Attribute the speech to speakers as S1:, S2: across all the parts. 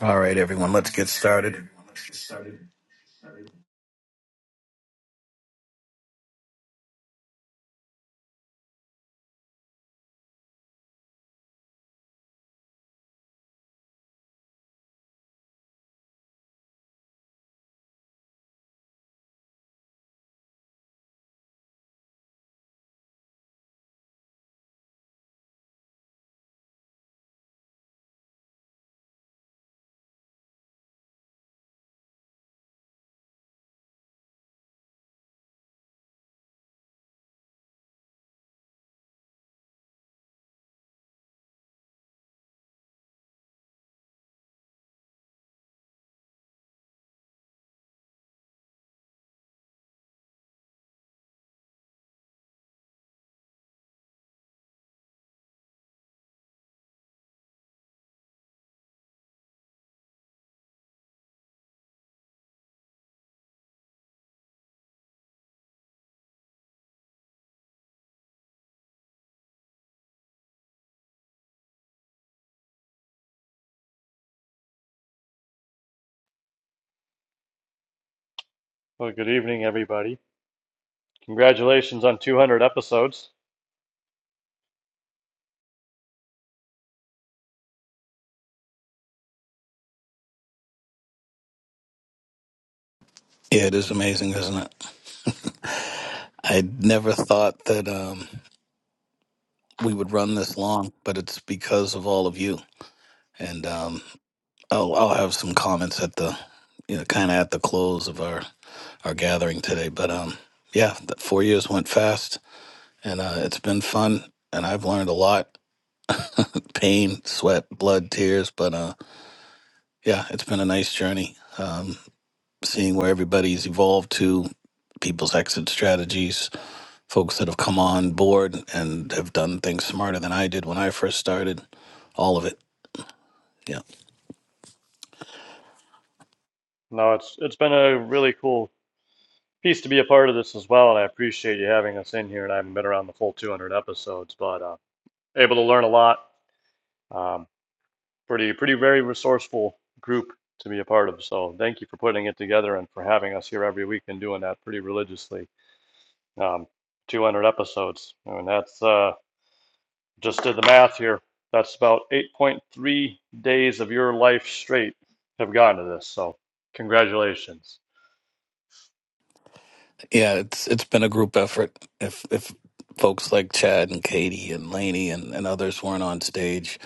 S1: All right, everyone, let's get started.
S2: Well, good evening, everybody. Congratulations on 200 episodes.
S1: Yeah, it is amazing, isn't it? I never thought that um, we would run this long, but it's because of all of you. And um, I'll, I'll have some comments at the, you know, kind of at the close of our our gathering today. But um, yeah, the four years went fast, and uh, it's been fun, and I've learned a lot: pain, sweat, blood, tears. But uh, yeah, it's been a nice journey. Um, seeing where everybody's evolved to, people's exit strategies, folks that have come on board and have done things smarter than I did when I first started, all of it. Yeah,
S2: No, it's it's been a really cool piece to be a part of this as well, and I appreciate you having us in here. And I haven't been around the full 200 episodes, but uh, able to learn a lot. Um, pretty pretty very resourceful group to be a part of. So thank you for putting it together and for having us here every week and doing that pretty religiously. Um, 200 episodes, and that's uh, Just did the math here. That's about 8.3 days of your life straight have gone to this. So, congratulations.
S1: yeah. It's it's been a group effort. If if folks like Chad and Katie and Laney and, and others weren't on stage,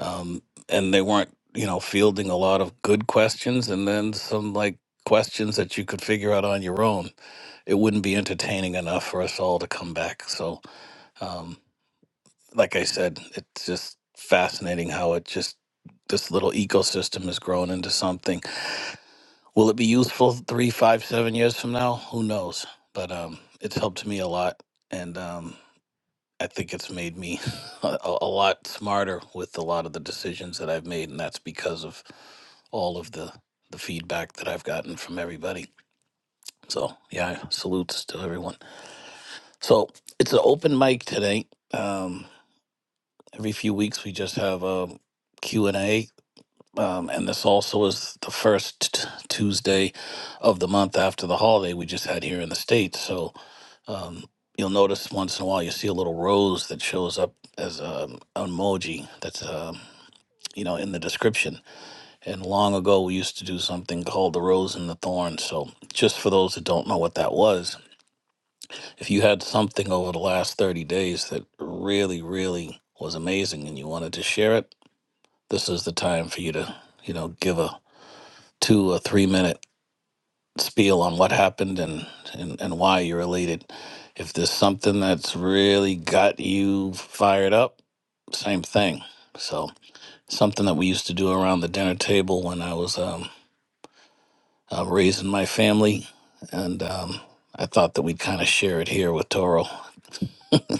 S1: um, and they weren't, you know, fielding a lot of good questions, and then some like questions that you could figure out on your own, it wouldn't be entertaining enough for us all to come back. So. Um, like I said, it's just fascinating how it just this little ecosystem has grown into something. Will it be useful three, five, seven years from now? Who knows? But um, it's helped me a lot, and um, I think it's made me a, a lot smarter with a lot of the decisions that I've made, and that's because of all of the the feedback that I've gotten from everybody. So yeah, salutes to everyone. So it's an open mic today. Um, every few weeks we just have a Q and A Um, and this also is the first t- Tuesday of the month after the holiday we just had here in the States. So um, you'll notice once in a while you see a little rose that shows up as um, an emoji that's, um, you know, in the description. And long ago we used to do something called the rose and the thorn. So just for those that don't know what that was, if you had something over the last 30 days that really, really was amazing and you wanted to share it, this is the time for you to, you know, give a two or three minute spiel on what happened and, and, and why you're elated. If there's something that's really got you fired up, same thing. So, something that we used to do around the dinner table when I was um, uh, raising my family. And um, I thought that we'd kind of share it here with Toro.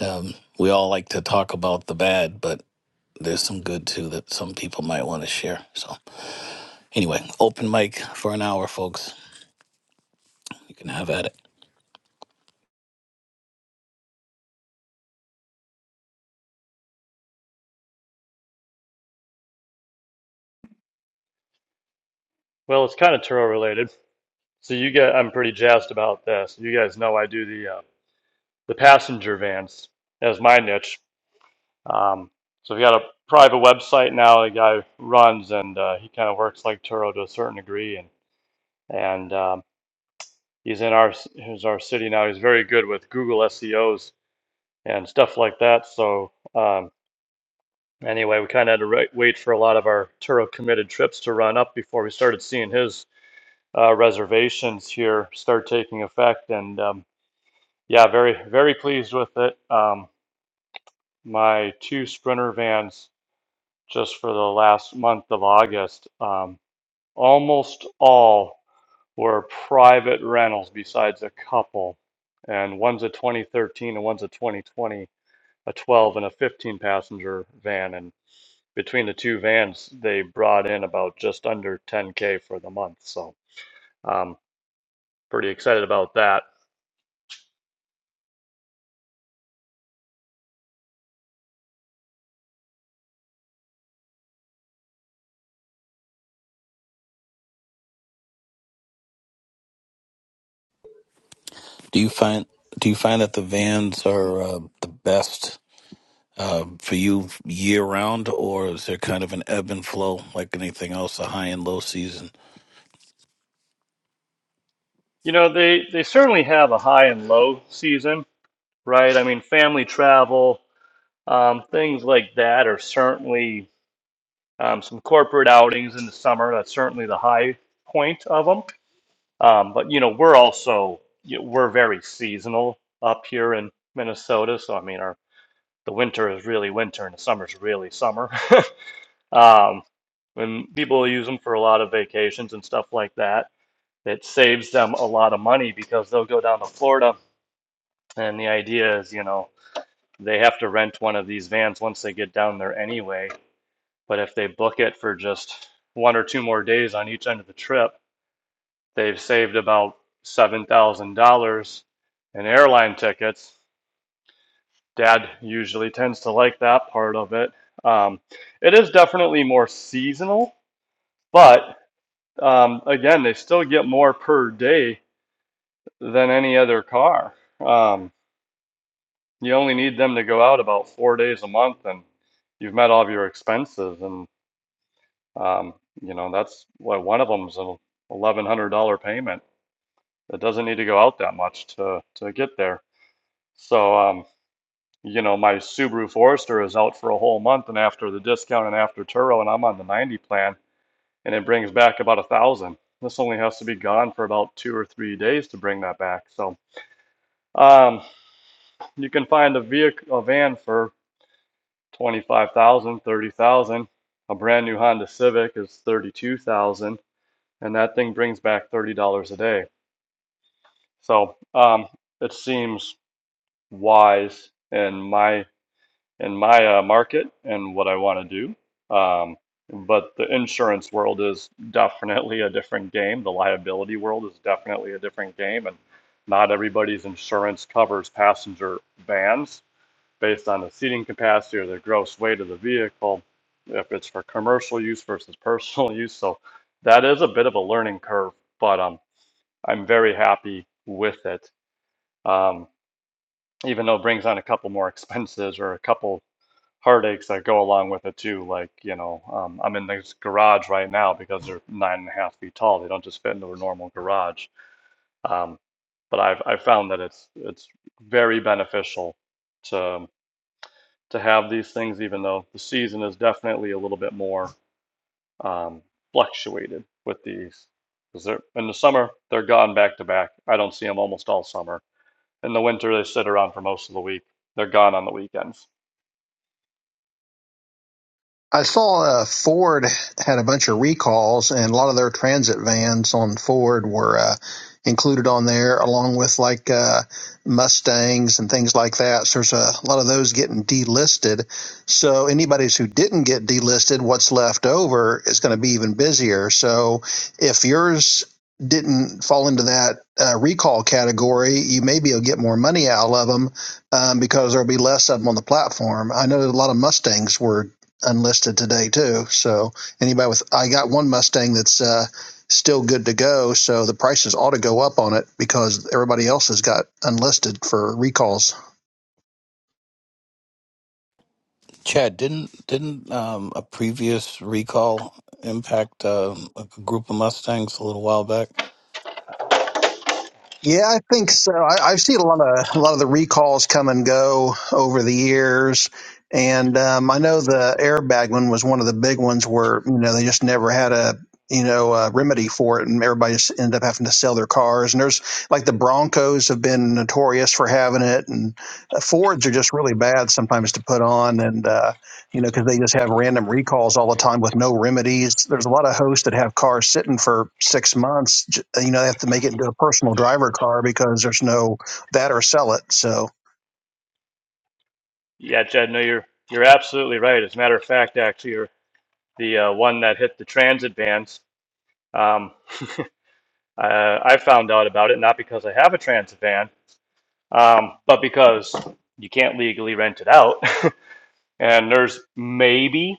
S1: Um, we all like to talk about the bad, but there's some good too that some people might want to share. So, anyway, open mic for an hour, folks. You can have at it.
S2: Well, it's kind of Turo related. So you get, I'm pretty jazzed about this. You guys know I do the uh, the passenger vans as my niche. Um, so we got a private website now. A guy runs and uh, he kind of works like Turo to a certain degree, and and um, he's in our he's our city now. He's very good with Google SEOs and stuff like that. So. Um, Anyway, we kind of had to wait for a lot of our Turo committed trips to run up before we started seeing his uh, reservations here start taking effect. And um, yeah, very, very pleased with it. Um, my two Sprinter vans just for the last month of August, um, almost all were private rentals besides a couple. And one's a 2013 and one's a 2020, a 12 and a 15 passenger van. and. between the two vans, they brought in about just under 10k for the month. So um, pretty excited about that.
S1: Do you find do you find that the vans are uh, the best uh, for you year round, or is there kind of an ebb and flow like anything else, a high and low season?
S2: You know, they they certainly have a high and low season, right? I mean, family travel, um, things like that are certainly um, some corporate outings in the summer. That's certainly the high point of them. Um, but you know, we're also you know, we're very seasonal up here in Minnesota. So I mean, our the winter is really winter and the summer's really summer. Um, when people use them for a lot of vacations and stuff like that, it saves them a lot of money because they'll go down to Florida. And the idea is, you know, they have to rent one of these vans once they get down there anyway. But if they book it for just one or two more days on each end of the trip, they've saved about $7,000 in airline tickets. Dad usually tends to like that part of it. Um, it is definitely more seasonal, but. Um, again, they still get more per day than any other car. Um, you only need them to go out about four days a month, and you've met all of your expenses. And um, you know that's what one of them's an eleven hundred dollar payment. It doesn't need to go out that much to to get there. So um, you know my Subaru Forester is out for a whole month, and after the discount and after Turo, and I'm on the ninety plan, and it brings back about a thousand. This only has to be gone for about two or three days to bring that back. So Um, you can find a vehicle, a van for 25,000, 30,000. A brand new Honda Civic is 32,000, and that thing brings back $30 a day. So, um, it seems wise in my in my uh, market and what I want to do. Um, but the insurance world is definitely a different game. The liability world is definitely a different game, and not everybody's insurance covers passenger vans based on the seating capacity or the gross weight of the vehicle, if it's for commercial use versus personal use. So that is a bit of a learning curve, but um, I'm very happy with it. Um, even though it brings on a couple more expenses or a couple heartaches that go along with it too. Like, you know, um, I'm in this garage right now because they're nine and a half feet tall. They don't just fit into a normal garage. Um, but I've, I've found that it's, it's very beneficial to to have these things, even though the season is definitely a little bit more um, fluctuated with these. Because they're in the summer, they're gone back to back. I don't see them almost all summer. In the winter, they sit around for most of the week. They're gone on the weekends.
S3: I saw uh, Ford had a bunch of recalls, and a lot of their transit vans on Ford were uh, included on there, along with like uh, Mustangs and things like that. So there's a lot of those getting delisted. So anybody who didn't get delisted, what's left over is going to be even busier. So if yours didn't fall into that uh, recall category, you maybe will get more money out of them um, because there'll be less of them on the platform. I know that a lot of Mustangs were unlisted today too. So anybody with I got one Mustang that's uh, still good to go. So the prices ought to go up on it because everybody else has got unlisted for recalls.
S1: Chad, didn't didn't um, a previous recall impact uh, a group of Mustangs a little while back?
S3: Yeah, I think so. I, I've seen a lot of a lot of the recalls come and go over the years, and um, I know the airbag one was one of the big ones where you know they just never had a you know a remedy for it, and everybody just ended up having to sell their cars. And there's like the Broncos have been notorious for having it, and uh, Fords are just really bad sometimes to put on, and uh, you know, because they just have random recalls all the time with no remedies. There's a lot of hosts that have cars sitting for six months. You know, they have to make it into a personal driver car because there's no that or sell it. So,
S2: Yeah, Jed, no, you're you're absolutely right. As a matter of fact, actually, you're the uh, one that hit the transit vans. Um, uh, I found out about it not because I have a transit van, um, but because you can't legally rent it out. And there's maybe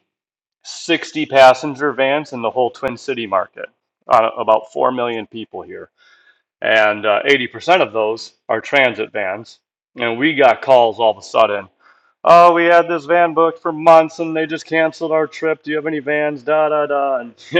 S2: 60 passenger vans in the whole Twin City market, uh, about 4 million people here. And uh, 80% of those are transit vans. And we got calls all of a sudden. Oh, we had this van booked for months and they just canceled our trip. Do you have any vans? Da, da, da. And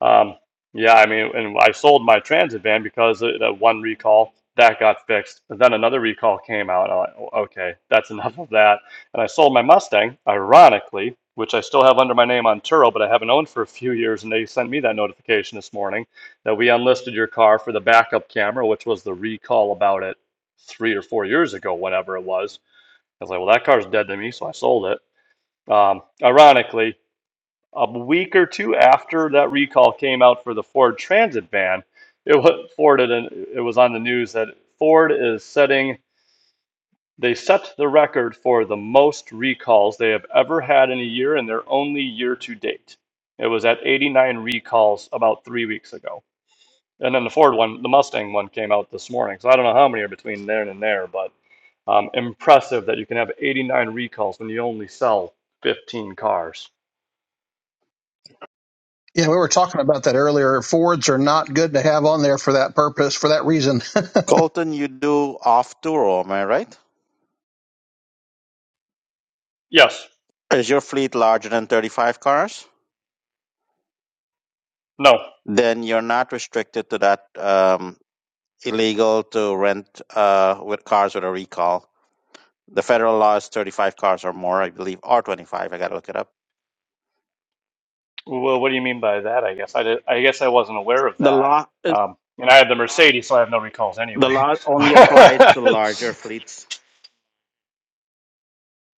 S2: Um, yeah, I mean, and I sold my Transit van because of that one recall that got fixed. And then another recall came out. and I'm like, "Oh, okay, that's enough of that. And I sold my Mustang, ironically, which I still have under my name on Turo, but I haven't owned for a few years. And they sent me that notification this morning that we unlisted your car for the backup camera, which was the recall about it three or four years ago, whatever it was. I was like, well, that car's dead to me, so I sold it. Um, ironically, a week or two after that recall came out for the Ford Transit van, it was Ford had, it was on the news that Ford is setting they set the record for the most recalls they have ever had in a year and their only year to date. It was at 89 recalls about 3 weeks ago. And then the Ford one, the Mustang one came out this morning. So I don't know how many are between there and there, but um, impressive that you can have 89 recalls when you only sell 15 cars.
S3: yeah, we were talking about that earlier. Fords are not good to have on there for that purpose, for that reason.
S4: Colton, you do off tour, am I right?
S2: Yes.
S4: Is your fleet larger than 35 cars?
S2: No.
S4: Then you're not restricted to that um, illegal to rent uh, with cars with a recall. The federal law is 35 cars or more, I believe, or 25. I got to look it up.
S2: Well, what do you mean by that? I guess I did, I guess I wasn't aware of
S4: The
S2: that.
S4: law is,
S2: Um, and I have the Mercedes, so I have no recalls
S4: the
S2: anyway.
S4: law only applies to larger fleets.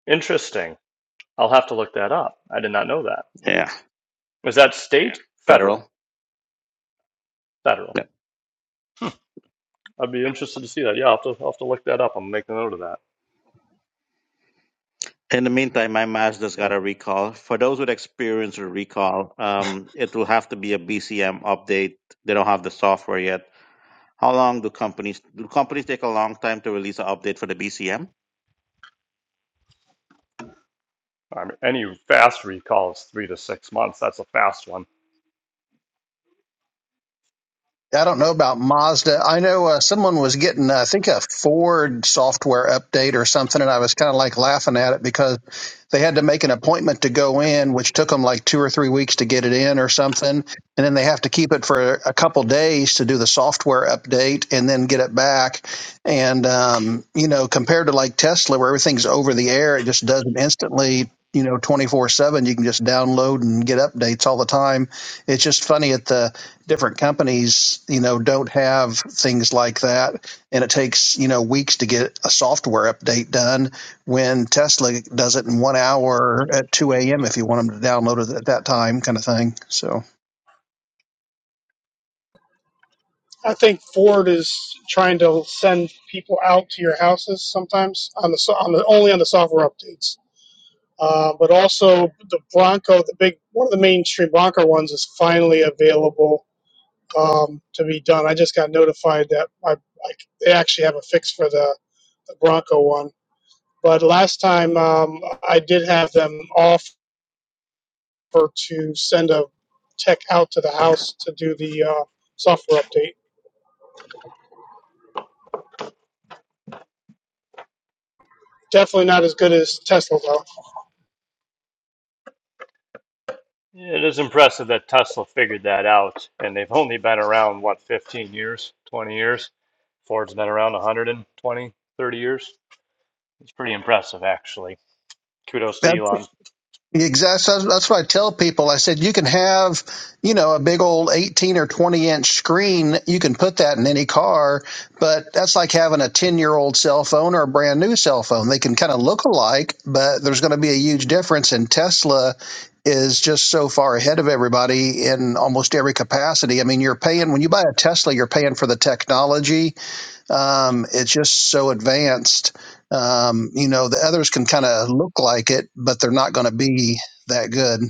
S2: Interesting. I'll have to look that up. I did not know that.
S4: Yeah,
S2: Is that state? Federal.
S4: federal.
S2: Federal.
S4: Yeah.
S2: I'd be interested to see that. Yeah, I'll have to, I'll have to look that up. I'll make a note of that.
S4: In the meantime, my Mazda's got
S2: Yeah.
S4: a recall. For those with experience with recall, um, it will have to be a BCM update. They don't have the software yet How long do companies do companies take a long time to release an update for the BCM?
S2: I mean, any fast recall is three to six months. That's a fast one.
S3: I don't know about Mazda. I know uh, someone was getting, uh, I think, a Ford software update or something, and I was kind of like laughing at it because they had to make an appointment to go in, which took them like two or three weeks to get it in or something, and then they have to keep it for a couple days to do the software update and then get it back. And um, you know, compared to like Tesla, where everything's over the air, it just does it instantly. You know, twenty four seven. You can just download and get updates all the time. It's just funny at the different companies, you know, don't have things like that. And it takes, you know, weeks to get a software update done when Tesla does it in one hour at 2 a.m. if you want them to download it at that time, kind of thing. So.
S5: I think Ford is trying to send people out to your houses sometimes on the so- on the only on the software updates. Uh, but also the Bronco, the big one of the mainstream Bronco ones is finally available um, to be done. I just got notified that I, I, they actually have a fix for the, the Bronco one. But last time um, I did have them offer to send a tech out to the house to do the uh, software update. Definitely not as good as Tesla though.
S2: Yeah, It is impressive that Tesla figured that out, and they've only been around, what, 15 years, 20 years? Ford's been around 120, 30 years. It's pretty impressive, actually. Kudos to
S3: that's
S2: Elon.
S3: Exactly. So That's what I tell people. I said, you can have, you know, a big old 18 or 20 inch screen. You can put that in any car, but that's like having a 10 year old cell phone or a brand new cell phone. They can kind of look alike, but there's going to be a huge difference. And Tesla is just so far ahead of everybody in almost every capacity. I mean, you're paying, when you buy a Tesla, you're paying for the technology um, it's just so advanced. Um, you know, the others can kind of look like it, but they're not going to be that good.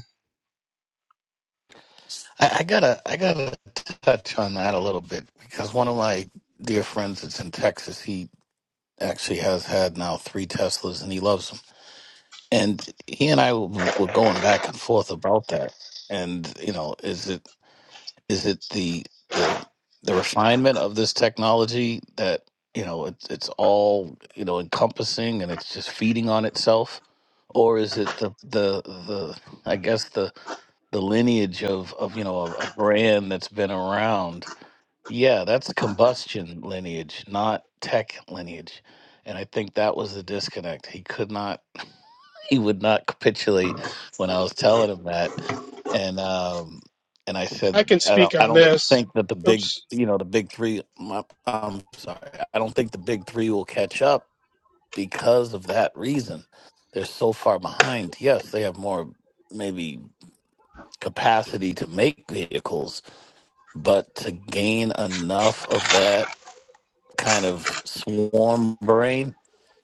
S1: I, I gotta I gotta touch on that a little bit because one of my dear friends that's in Texas, he actually has had now three Teslas and he loves them and he and I w- were going back and forth about that. And you know, is it is it the the the refinement of this technology that you know it, it's all you know encompassing and it's just feeding on itself, or is it the the the I guess the the lineage of of you know a, a brand that's been around? Yeah, that's combustion lineage, not tech lineage. And I think that was the disconnect. He could not he would not capitulate when I was telling him that, and um, and I
S5: I
S1: said,
S5: can
S1: I
S5: speak
S1: don't, I
S5: on
S1: don't
S5: this.
S1: think that the big,
S5: Oops.
S1: you know, the big three. My, I'm sorry, I don't think the big three will catch up because of that reason. They're so far behind. Yes, they have more maybe capacity to make vehicles, but to gain enough of that kind of swarm brain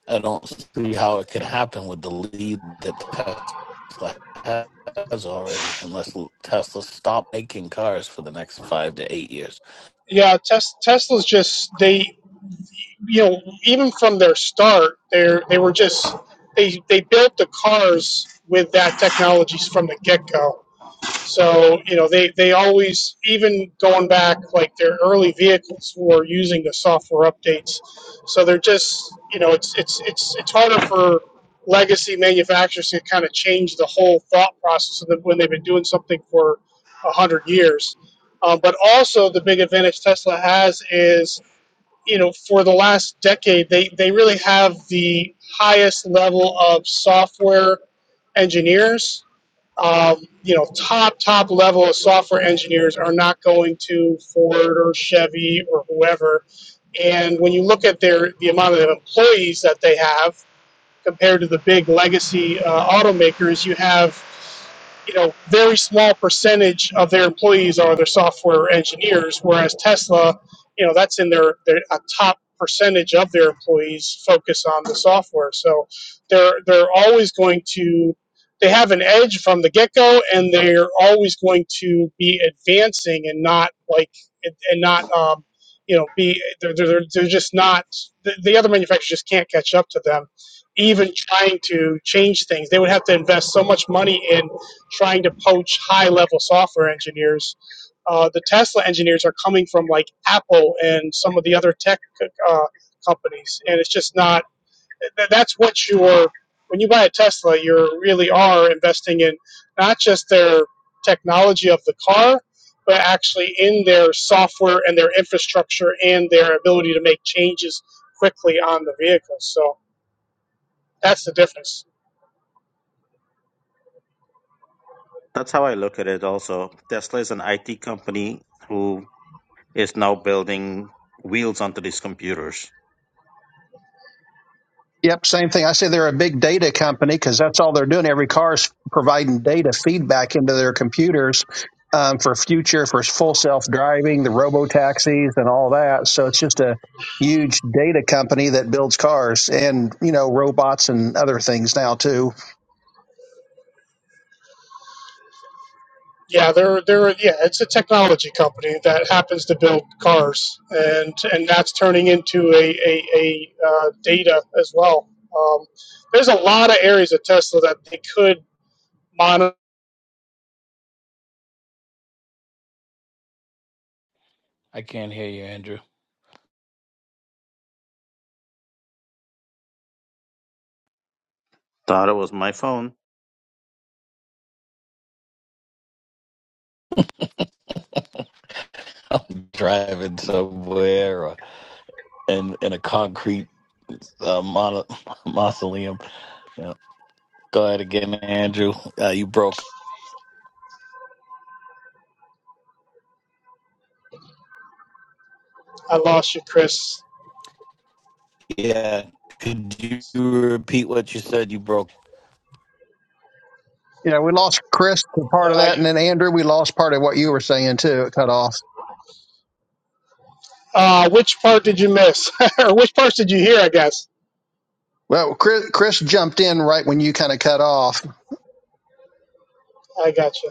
S1: I don't see how it could happen with the lead that Tesla has already, unless Tesla stop making cars for the next five to eight years.
S5: Yeah, tes- Tesla's just they, you know, even from their start, they they were just they they built the cars with that technologies from the get go. So, you know, they, they always, even going back like their early vehicles were using the software updates. So they're just, you know, it's, it's, it's, it's harder for legacy manufacturers to kind of change the whole thought process of them when they've been doing something for a hundred years. Um, but also the big advantage Tesla has is, you know, for the last decade, they, they really have the highest level of software engineers um, you know, top, top level of software engineers are not going to Ford or Chevy or whoever. And when you look at their the amount of employees that they have compared to the big legacy uh, automakers, you have you know, very small percentage of their employees are their software engineers, whereas Tesla, you know, that's in their, their a top percentage of their employees focus on the software. So they're they're always going to they have an edge from the get go, and they're always going to be advancing and not like and not um, you know be they're, they're, they're just not the, the other manufacturers just can't catch up to them even trying to change things they would have to invest so much money in trying to poach high level software engineers. Uh, the Tesla engineers are coming from like Apple and some of the other tech uh, companies, and it's just not. That's what you're when you buy a Tesla, you really are investing in not just their technology of the car, but actually in their software and their infrastructure and their ability to make changes quickly on the vehicle. So that's the difference.
S4: That's how I look at it also. Tesla is an IT company who is now building wheels onto these computers.
S3: Yep, same thing. I say they're a big data company because that's all they're doing. Every car is providing data feedback into their computers um, for future, for full self driving, the robo taxis, and all that. So it's just a huge data company that builds cars and you know robots and other things now too.
S5: Yeah, they're they're yeah, it's a technology company that happens to build cars, and and that's turning into a a, a uh, data as well. Um, there's a lot of areas of Tesla that they could monitor.
S1: I can't hear you, Andrew.
S4: Thought it was my phone.
S1: Driving somewhere or in, in a concrete uh, mono, mausoleum. Yeah. Go ahead again, Andrew. Uh, you broke.
S5: I lost you, Chris.
S1: Yeah. Could you repeat what you said? You broke.
S3: You know, we lost Chris for part of
S5: Uh,
S3: that, and then Andrew, we lost part of what you were saying too. It cut off.
S5: uh, which part did you miss, or which parts did you hear? I guess
S3: Well, Chris, Chris jumped in right when you kind of cut off.
S5: I gotcha.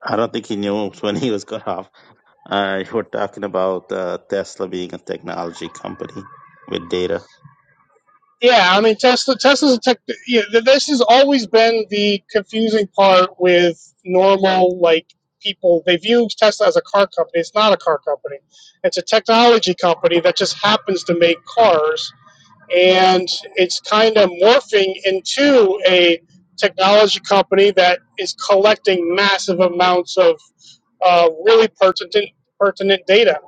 S4: I don't think he knew when he was cut off. Uh, you were talking about uh, Tesla being a technology company with data.
S5: Yeah, I mean Tesla. Tesla's a tech. Yeah, th- this has always been the confusing part with normal like people. They view Tesla as a car company. It's not a car company. It's a technology company that just happens to make cars, and it's kind of morphing into a technology company that is collecting massive amounts of uh, really pertinent pertinent data.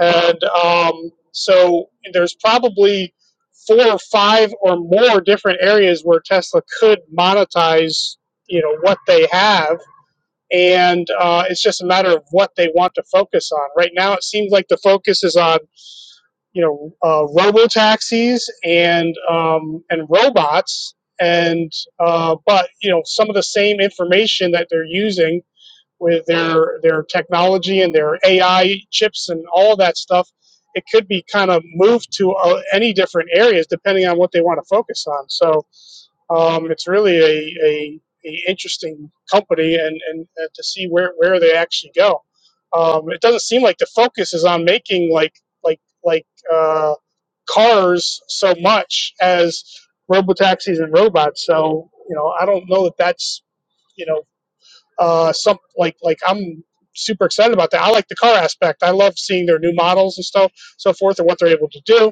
S5: And um, so there's probably four or five or more different areas where Tesla could monetize, you know, what they have. And uh, it's just a matter of what they want to focus on. Right now, it seems like the focus is on, you know, uh, robo taxis and um, and robots. And uh, but you know, some of the same information that they're using with their their technology and their AI chips and all that stuff, it could be kind of moved to uh, any different areas depending on what they want to focus on. So um, it's really a, a, a interesting company and, and uh, to see where, where they actually go. Um, it doesn't seem like the focus is on making like like like uh, cars so much as robotaxis and robots. So you know I don't know that that's you know uh, some like like I'm super excited about that. I like the car aspect. I love seeing their new models and so so forth and what they're able to do.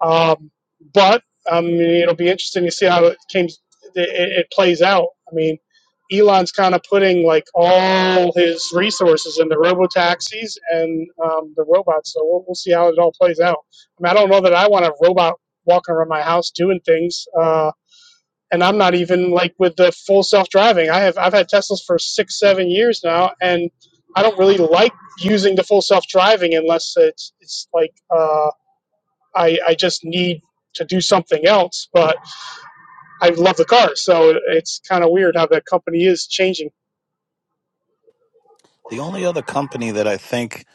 S5: Um, but I mean, it'll be interesting to see how it came it, it plays out. I mean, Elon's kind of putting like all his resources in the robo taxis and um, the robots. So we'll, we'll see how it all plays out. I mean, I don't know that I want a robot walking around my house doing things. Uh, and I'm not even like with the full self driving. I have I've had Teslas for six seven years now, and I don't really like using the full self driving unless it's it's like uh, I I just need to do something else. But I love the car, so it's kind of weird how that company is changing.
S1: The only other company that I think,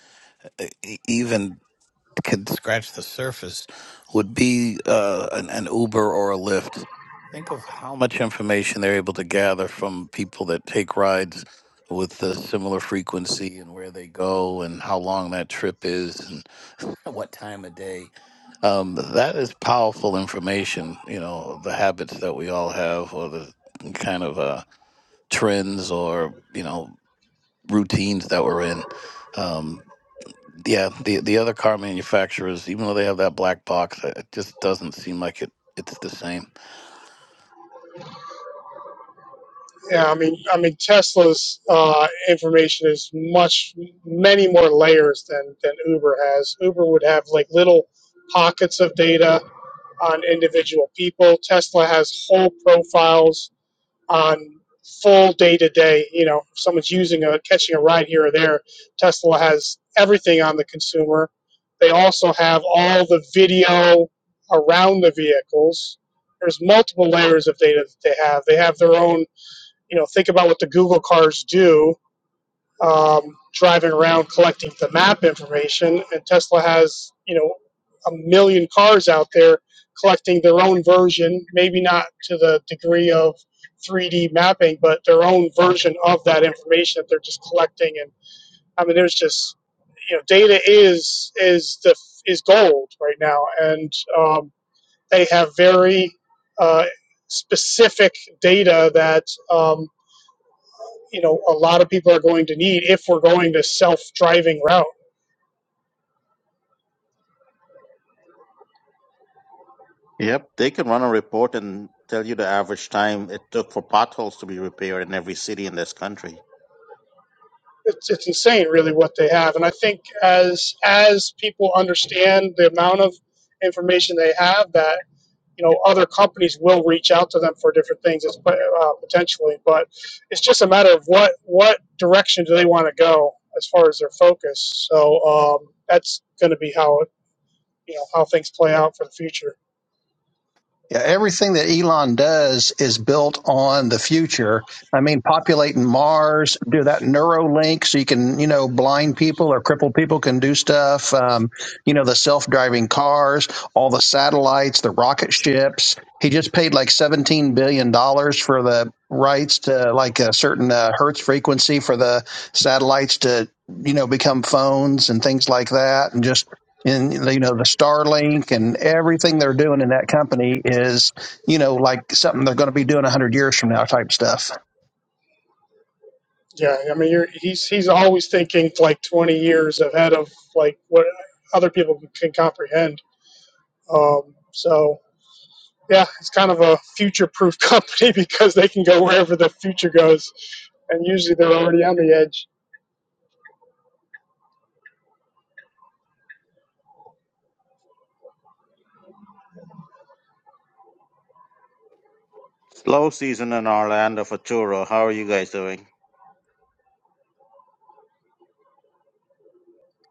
S1: uh, e- even could scratch the surface would be uh, an, an Uber or a Lyft. Think of how much information they're able to gather from people that take rides with a similar frequency and where they go and how long that trip is and what time of day. Um, that is powerful information, you know, the habits that we all have or the kind of uh, trends or, you know, routines that we're in. Um, yeah, the the other car manufacturers, even though they have that black box, uh, it just doesn't seem like it. It's the same.
S5: Yeah, I mean I mean Tesla's uh, information is much many more layers than than Uber has. Uber would have like little pockets of data on individual people. Tesla has whole profiles on full day to day. You know, if someone's using a catching a ride here or there, Tesla has everything on the consumer. They also have all the video around the vehicles. There's multiple layers of data that they have. They have their own, you know, think about what the Google cars do um, driving around collecting the map information. And Tesla has, you know, a million cars out there collecting their own version, maybe not to the degree of 3D mapping, but their own version of that information that they're just collecting. And I mean, there's just, you know, data is is the is gold right now, and um, they have very uh, specific data that um, you know a lot of people are going to need if we're going to self-driving route
S4: Yep, they can run a report and tell you the average time it took for potholes to be repaired in every city in this country.
S5: it's, it's insane really what they have and i think as as people understand the amount of information they have that you know other companies will reach out to them for different things as, uh, potentially but it's just a matter of what what direction do they want to go as far as their focus so um, that's going to be how it you know how things play out for the future
S3: Yeah, everything that Elon does is built on the future. I mean, populating Mars, do that Neuralink so you can, you know, blind people or crippled people can do stuff. Um, you know, the self-driving cars, all the satellites, the rocket ships. He just paid like seventeen billion dollars for the rights to like a certain uh, hertz frequency for the satellites to, you know, become phones and things like that, and just and you know the Starlink and everything they're doing in that company is you know like something they're going to be doing a hundred years from now type stuff.
S5: Yeah, I mean, you're, he's he's always thinking like 20 years ahead of like what other people can comprehend. Um, so yeah, it's kind of a future-proof company because they can go wherever the future goes, and usually they're already on the edge.
S4: Slow season in Orlando for Turo. How are you guys doing?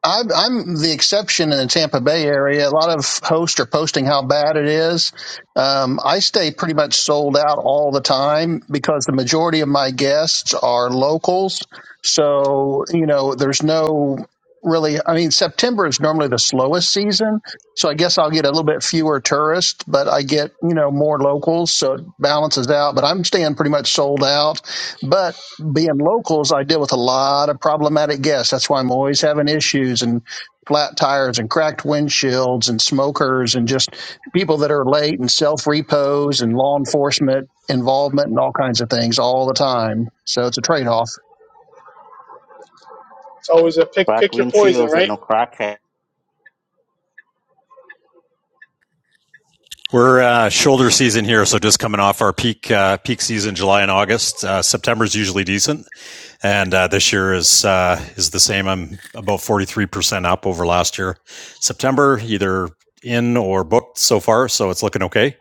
S3: I'm, I'm the exception in the Tampa Bay area. A lot of hosts are posting how bad it is. Um, I stay pretty much sold out all the time because the majority of my guests are locals. So, you know, there's no really, I mean, September is normally the slowest season. So I guess I'll get a little bit fewer tourists, but I get, you know, more locals. So it balances out, but I'm staying pretty much sold out. But being locals, I deal with a lot of problematic guests. That's why I'm always having issues and flat tires and cracked windshields and smokers and just people that are late and self repos and law enforcement involvement and all kinds of things all the time. So it's a trade off.
S5: It's always a pick
S4: Crack
S5: pick your poison,
S4: windshields and
S5: right?
S4: no crackhead.
S6: We're uh, shoulder season here, so just coming off our peak uh, peak season, July and August. Uh, September is usually decent, and uh, this year is uh, is the same. I'm about forty three percent up over last year. September either in or booked so far, so it's looking okay.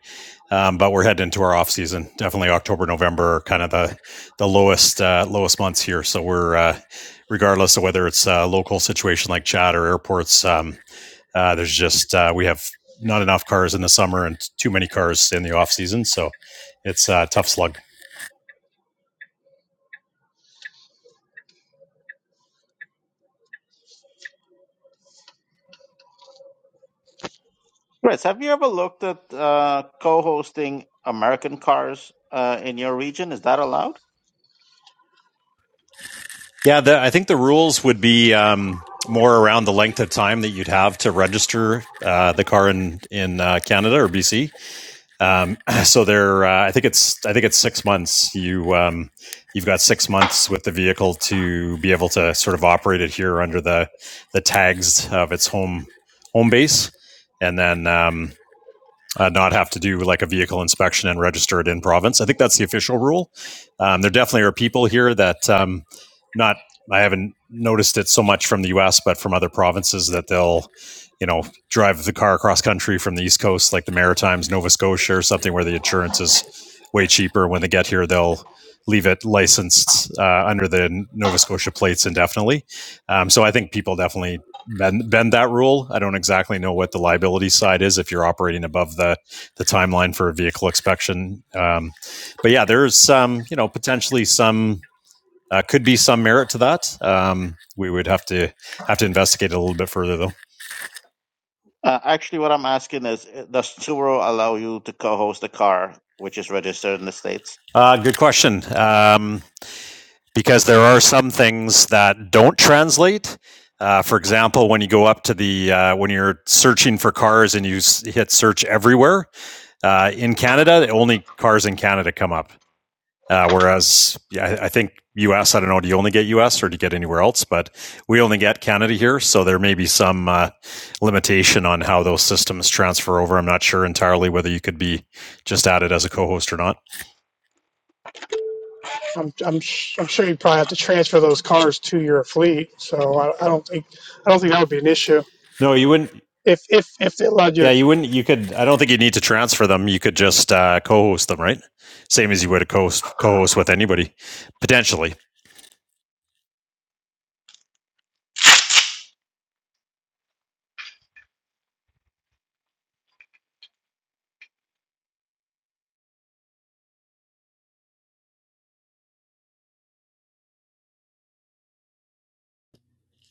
S6: Um, but we're heading into our off season. Definitely October, November are kind of the the lowest uh, lowest months here. So we're uh, regardless of whether it's a local situation like Chad or airports, um, uh, there's just uh, we have not enough cars in the summer and too many cars in the off season, so it's a tough slug.
S4: Chris, have you ever looked at uh, co-hosting American cars uh, in your region? Is that allowed?
S6: Yeah, the, I think the rules would be um, more around the length of time that you'd have to register uh, the car in in uh, Canada or BC. Um, so there, uh, I think it's I think it's six months. You um, you've got six months with the vehicle to be able to sort of operate it here under the the tags of its home home base, and then um, uh, not have to do like a vehicle inspection and register it in province. I think that's the official rule. Um, there definitely are people here that um, not. I haven't noticed it so much from the U.S., but from other provinces that they'll, you know, drive the car across country from the East Coast, like the Maritimes, Nova Scotia, or something where the insurance is way cheaper. When they get here, they'll leave it licensed uh, under the Nova Scotia plates indefinitely. Um, so I think people definitely bend, bend that rule. I don't exactly know what the liability side is if you're operating above the the timeline for a vehicle inspection. Um, but yeah, there's some you know potentially some uh, could be some merit to that. Um, we would have to have to investigate it a little bit further though.
S4: Uh, actually, what I'm asking is, uh, does Turo allow you to co-host a car which is registered in the states?
S6: Uh, good question. Um, because there are some things that don't translate. Uh, for example, when you go up to the uh, when you're searching for cars and you s- hit search everywhere uh, in Canada, only cars in Canada come up. Uh, whereas, yeah, I think U.S. I don't know. Do you only get U.S. or do you get anywhere else? But we only get Canada here, so there may be some uh, limitation on how those systems transfer over. I'm not sure entirely whether you could be just added as a co-host or not.
S5: I'm I'm sh- I'm sure you probably have to transfer those cars to your fleet, so I, I don't think I don't think that would be an issue
S6: No, you wouldn't.
S5: if if if they allowed you.
S6: Yeah, you wouldn't. You could. I don't think you need to transfer them. You could just uh, co-host them, right? Same as you would a co-host, co-host with anybody, potentially.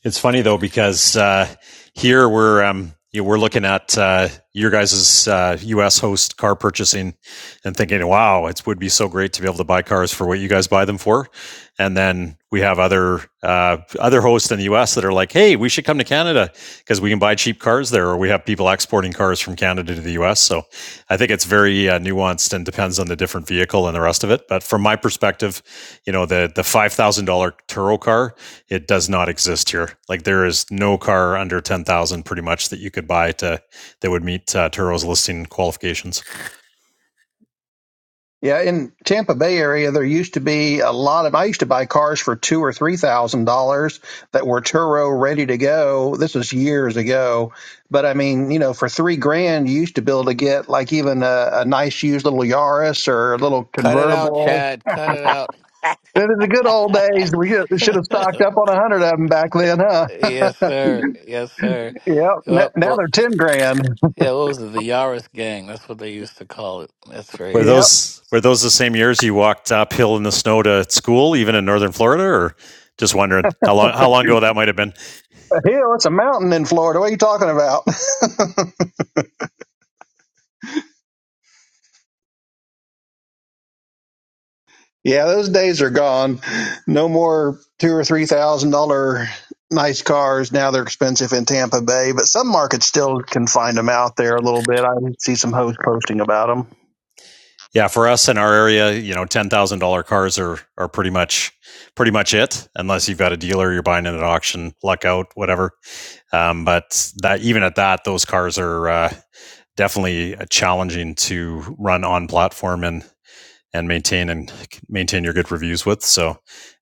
S6: It's funny though because uh, here we're um, you know, we're looking at uh, your guys' uh, U.S. host car purchasing and thinking, wow, it would be so great to be able to buy cars for what you guys buy them for. And then we have other uh, other hosts in the U.S. that are like, hey, we should come to Canada because we can buy cheap cars cars there, or we have people exporting cars from Canada to the U.S. So I think it's very uh, nuanced and depends on the different vehicle and the rest of it. But from my perspective, you know the the five thousand dollar Turo car, it does not exist here. Like there is no car under ten thousand pretty much that you could buy to that would meet uh, Turo's listing qualifications.
S3: Yeah, in Tampa Bay area, there used to be a lot of. I used to buy cars for two or three thousand dollars that were Turo ready to go. This was years ago, but I mean, you know, for three grand, you used to be able to get like even a, a nice used little Yaris or a little
S1: Cut it out,
S3: convertible.
S1: Chad. Cut it
S3: It was the good old days. We should should have stocked
S1: out.
S3: up on a hundred of them back then, huh?
S1: yes, sir. Yes, sir.
S3: Yep. N-
S1: Well,
S3: now
S1: well,
S3: they're ten grand.
S1: yeah. What was it? The Yaris gang. That's what they used to call it. That's
S6: Were
S1: right.
S3: Yep.
S6: those were those the same years you walked uphill in the snow to school, even in northern Florida, or just wondering how long how long ago that might have been?
S3: A hill. It's a mountain in Florida. What are you talking about? Yeah, those days are gone. No more two or three thousand dollar nice cars. Now they're expensive in Tampa Bay, but some markets still can find them out there a little bit. I see some hosts posting about them.
S6: Yeah, for us in our area, you know, ten thousand dollar cars are are pretty much pretty much it, unless you've got a dealer, you're buying it at auction, luck out, whatever. Um, but that even at that, those cars are uh, definitely uh, challenging to run on platform and and maintain and maintain your good reviews with. So,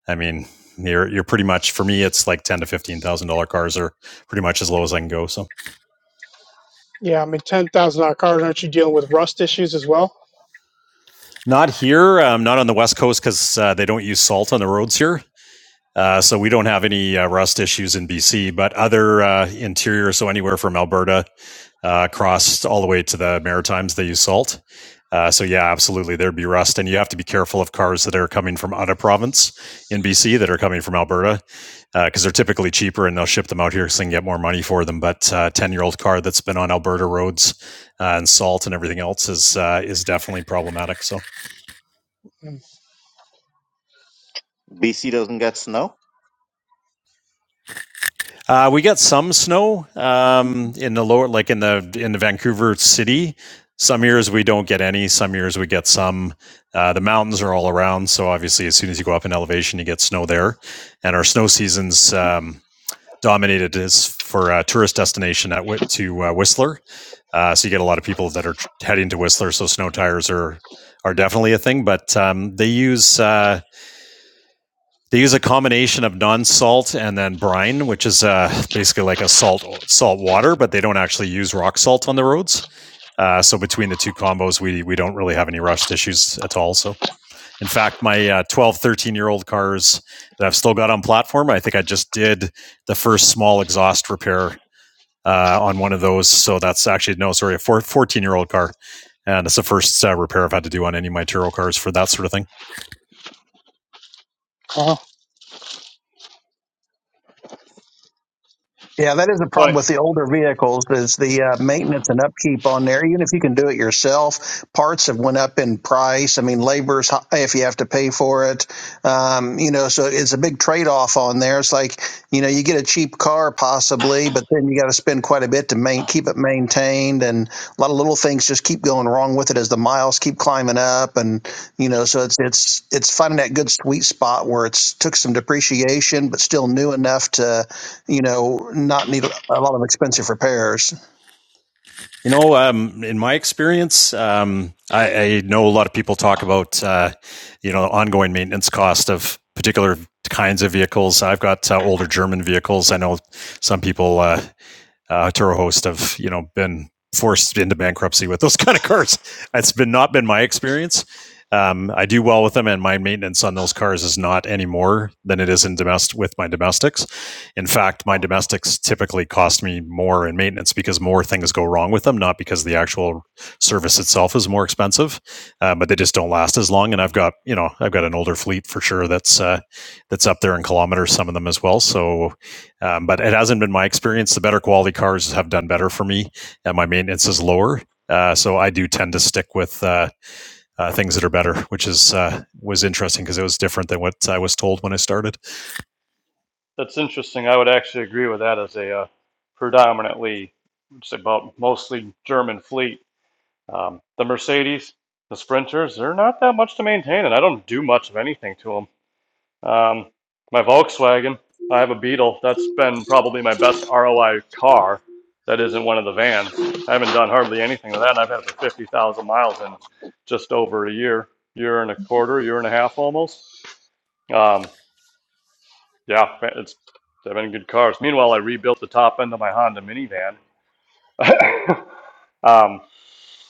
S6: I mean, you're you're pretty much for me, it's like ten to fifteen thousand dollar cars are pretty much as low as I can go. So,
S5: yeah, I mean, ten thousand dollar cars, aren't you dealing with rust issues as well?
S6: not here, um, not on the west coast because uh, they don't use salt on the roads here. Uh, so we don't have any uh, rust issues in BC, but other uh, interior, so anywhere from Alberta uh, across all the way to the Maritimes, they use salt. Uh, so yeah, absolutely, there'd be rust, and you have to be careful of cars that are coming from out of province in BC that are coming from Alberta because uh, they're typically cheaper, and they'll ship them out here so they can get more money for them. But a uh, ten-year-old car that's been on Alberta roads uh, and salt and everything else is uh, is definitely problematic. So.
S4: BC doesn't get snow.
S6: Uh, we got some snow um, in the lower, like in the in the Vancouver city. Some years we don't get any. Some years we get some. Uh, the mountains are all around, so obviously, as soon as you go up in elevation, you get snow there. And our snow seasons um, dominated is for a tourist destination at to uh, Whistler. Uh, so you get a lot of people that are heading to Whistler. So snow tires are are definitely a thing, but um, they use. Uh, they use a combination of non-salt and then brine, which is uh, basically like a salt salt water, but they don't actually use rock salt on the roads. Uh, so between the two combos, we we don't really have any rust issues at all. So in fact, my uh, 12, year old cars that I've still got on platform, I think I just did the first small exhaust repair uh, on one of those. So that's actually no, sorry, a 14 year old car, and it's the first uh, repair I've had to do on any of my Turo cars for that sort of thing.
S5: Mm.
S3: Yeah, that is a problem
S2: But
S3: with the older vehicles is the uh, maintenance and upkeep on there. Even if you can do it yourself, parts have went up in price. I mean, labor's high if you have to pay for it. Um, you know, so it's a big trade off on there. It's like you know, you get a cheap car possibly, but then you got to spend quite a bit to main, keep it maintained, and a lot of little things just keep going wrong with it as the miles keep climbing up, and you know, so it's it's it's finding that good sweet spot where it's took some depreciation but still new enough to you know, not need a lot of expensive repairs.
S6: You know, um, in my experience, um, I, I know a lot of people talk about uh, you know ongoing maintenance cost of particular kinds of vehicles. I've got uh, older German vehicles. I know some people uh, uh, to host have you know been forced into bankruptcy with those kind of cars. it has been not been my experience. Um, I do well with them, and my maintenance on those cars is not any more than it is in domestic with my domestics. In fact, my domestics typically cost me more in maintenance because more things go wrong with them, not because the actual service itself is more expensive, uh, but they just don't last as long. And I've got you know I've got an older fleet for sure that's uh, that's up there in kilometers, some of them as well. So um, but it hasn't been my experience. The better quality cars have done better for me, and my maintenance is lower. Uh, so I do tend to stick with uh, uh, things that are better, which is uh, was interesting because it was different than what I was told when I started.
S2: that's interesting. I would actually agree with that as a uh, predominantly, it's about mostly German fleet. Um, the Mercedes, the Sprinters, they're not that much to maintain, and I don't do much of anything to them. Um, my Volkswagen, I have a Beetle. That's been probably my best ROI car that isn't one of the vans. I haven't done hardly anything to that, and I've had it for 50,000 miles in just over a year, year and a quarter, year and a half almost. Um, yeah, it's they've been good cars. Meanwhile, I rebuilt the top end of my Honda minivan. um,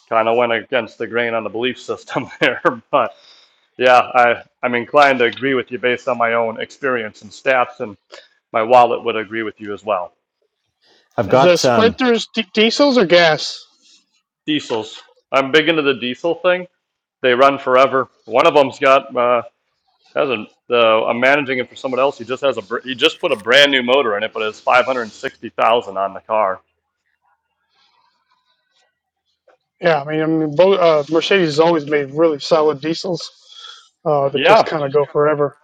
S2: kind of went against the grain on the belief system there, but yeah, I, I'm inclined to agree with you based on my own experience and stats and. my wallet would agree with you as well.
S6: I've
S5: Is the
S6: got um,
S5: Sprinters di- diesels or gas?
S2: Diesels. I'm big into the diesel thing. They run forever. One of them's got uh, has a. The, I'm managing it for someone else. He just has a. He just put a brand new motor in it, but it's five hundred and sixty thousand on the car.
S5: Yeah, I mean, I mean both, uh, Mercedes has always made really solid diesels uh, that just
S2: Yeah,
S5: kind of go forever.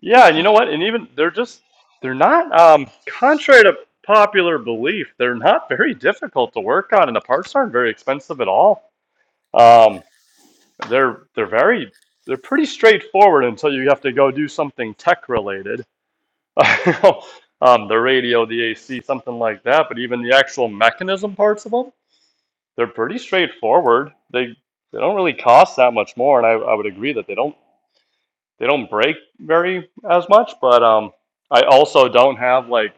S2: yeah, and you know what? And even they're just they're not um, contrary to popular belief. They're not very difficult to work on, and the parts aren't very expensive at all. Um, they're they're very they're pretty straightforward until you have to go do something tech related. um, the radio, the AC, something like that. But even the actual mechanism parts of them, they're pretty straightforward. They they don't really cost that much more, and I, I would agree that they don't they don't break very as much. But um, I also don't have like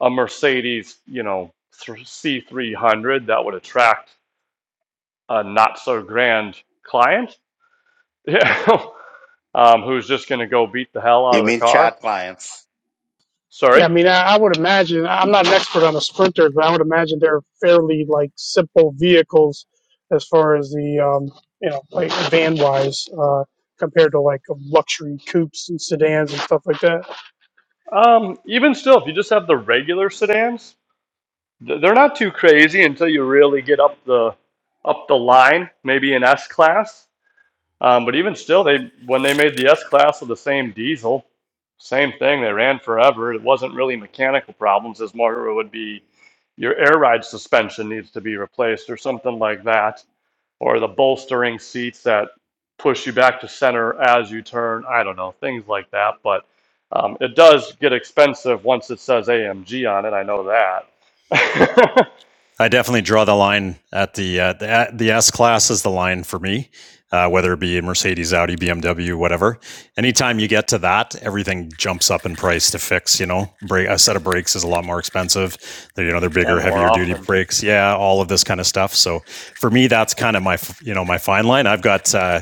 S2: a Mercedes, you know, C three hundred that would attract a not so grand client, yeah, um, who's just gonna go beat the hell out
S4: You
S2: of the
S4: mean
S2: car.
S4: chat clients?
S2: Sorry.
S5: Yeah, I mean, I, I would imagine, I'm not an expert on the Sprinter, but I would imagine they're fairly like simple vehicles as far as the, um, you know, like van wise uh, compared to like luxury coupes and sedans and stuff like that.
S2: Um, even still, if you just have the regular sedans. They're not too crazy until you really get up the up the line, maybe an S class. Um, but even still, they when they made the S class with the same diesel, same thing. They ran forever. It wasn't really mechanical problems as more it would be your air ride suspension needs to be replaced or something like that, or the bolstering seats that push you back to center as you turn. I don't know things like that, but um, it does get expensive once it says AMG on it. I know that.
S6: I definitely draw the line at the uh, the, uh, the S class is the line for me, uh, whether it be Mercedes, Audi, BMW, whatever. Anytime you get to that, everything jumps up in price to fix. You know, brake a set of brakes is a lot more expensive. They're, you know, they're bigger,
S2: and more
S6: heavier duty
S2: often.
S6: brakes. Yeah, all of this kind of stuff. So for me, that's kind of my you know my fine line. I've got uh,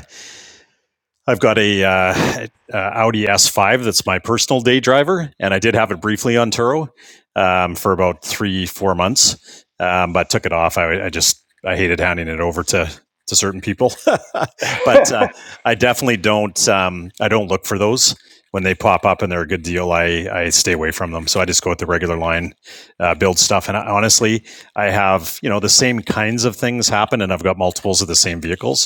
S6: I've got a uh, uh, Audi S5 that's my personal day driver, and I did have it briefly on Turo um, for about three, four months, um, but took it off. I, I just I hated handing it over to to certain people, but uh, I definitely don't um, I don't look for those when they pop up and they're a good deal. I I stay away from them, so I just go with the regular line, uh, build stuff, and I, honestly, I have you know the same kinds of things happen, and I've got multiples of the same vehicles.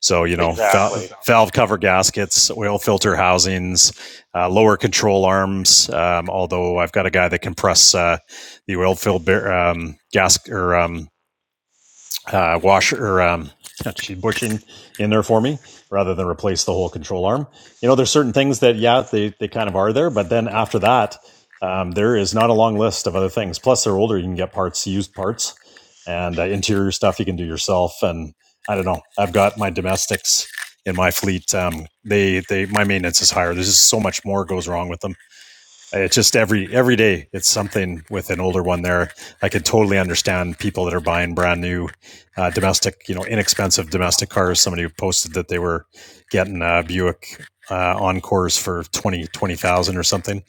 S6: So, you know, val-
S2: Exactly.
S6: valve cover gaskets, oil filter housings, uh, lower control arms. Um, although I've got a guy that can press uh, the oil filled bar- um, gas or um, uh, washer or um, sheet bushing in there for me rather than replace the whole control arm. You know, there's certain things that, yeah, they, they kind of are there, but then after that, um, there is not a long list of other things. Plus, they're older, you can get parts, used parts, and uh, interior stuff you can do yourself. And I don't know, I've got my domestics in my fleet. Um, they, they, my maintenance is higher. There's just so much more goes wrong with them uh, it's just every every day it's something with an older one there i could totally understand people that are buying brand new uh, domestic you know inexpensive domestic cars somebody who posted that they were getting uh, buick uh, encores for 20 20000 or something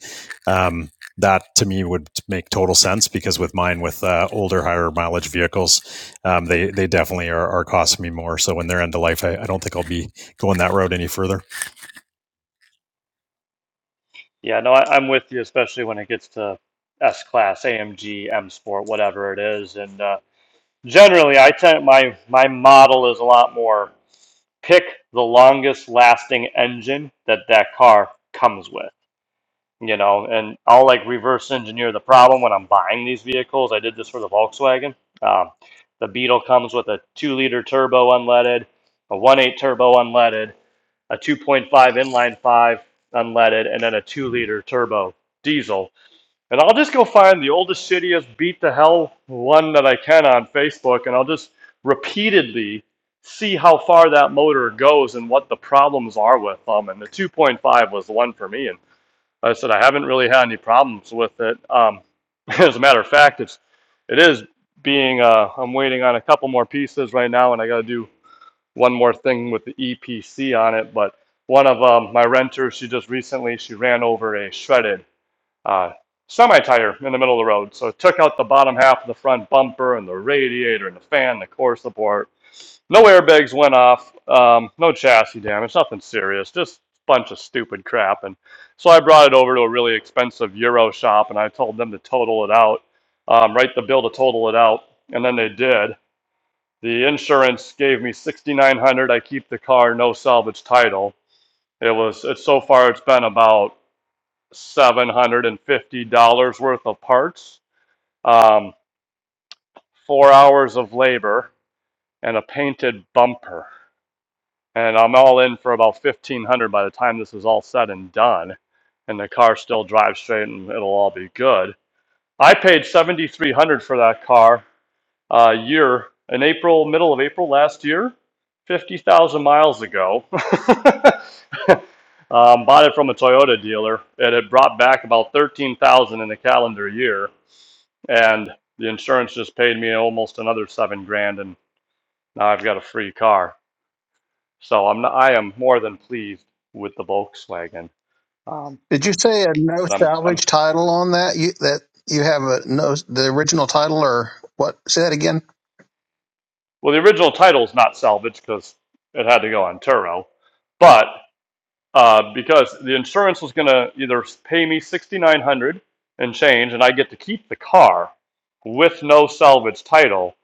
S6: um, that to me would make total sense because with mine with uh, older higher mileage vehicles um, they they definitely are, are costing me more so when they're end of life I, I don't think i'll be going that road any further.
S2: Yeah, no, I, I'm with you, especially when it gets to S class, AMG, M Sport, whatever it is. And uh, generally, I tend my my model is a lot more pick the longest lasting engine that that car comes with, you know. And I'll like reverse engineer the problem when I'm buying these vehicles. I did this for the Volkswagen. Um, the Beetle comes with a two liter turbo unleaded, a one point eight turbo unleaded a 2.5 inline five unleaded, and then a two liter turbo diesel. And I'll just go find the oldest, shittiest, beat the hell one that I can on Facebook, and I'll just repeatedly see how far that motor goes and what the problems are with them. And the 2.5 was the one for me. And like I said, I haven't really had any problems with it. Um, as a matter of fact, it's, it is being, uh, I'm waiting on a couple more pieces right now, and I got to do one more thing with the EPC on it, but one of um, my renters, she just recently she ran over a shredded uh, semi tire in the middle of the road. So it took out the bottom half of the front bumper and the radiator and the fan, the core support. No airbags went off. Um, no chassis damage. Nothing serious. Just a bunch of stupid crap. And so I brought it over to a really expensive Euro shop and I told them to total it out. Um, right, the bill to total it out, and then they did. The insurance gave me 6,900. I keep the car, no salvage title. It was, it's so far, it's been about $750 worth of parts, um, four hours of labor, and a painted bumper. And I'm all in for about 1500 by the time this is all said and done. And the car still drives straight and it'll all be good. I paid 7300 for that car uh, year in April, middle of April last year, 50,000 miles ago. um, bought it from a Toyota dealer. It had brought back about 13,000 in the calendar year, and the insurance just paid me almost another seven grand, and now I've got a free car. So I'm not, I am more than pleased with the Volkswagen. Um,
S3: Did you say a no
S2: but I'm I'm
S3: salvage title on that? You that you have a no the original title or what? Say that again.
S2: well, the original title's not salvage because it had to go on Turo, but uh, because the insurance was going to either pay me 6900 dollars and change and i get to keep the car with no salvage title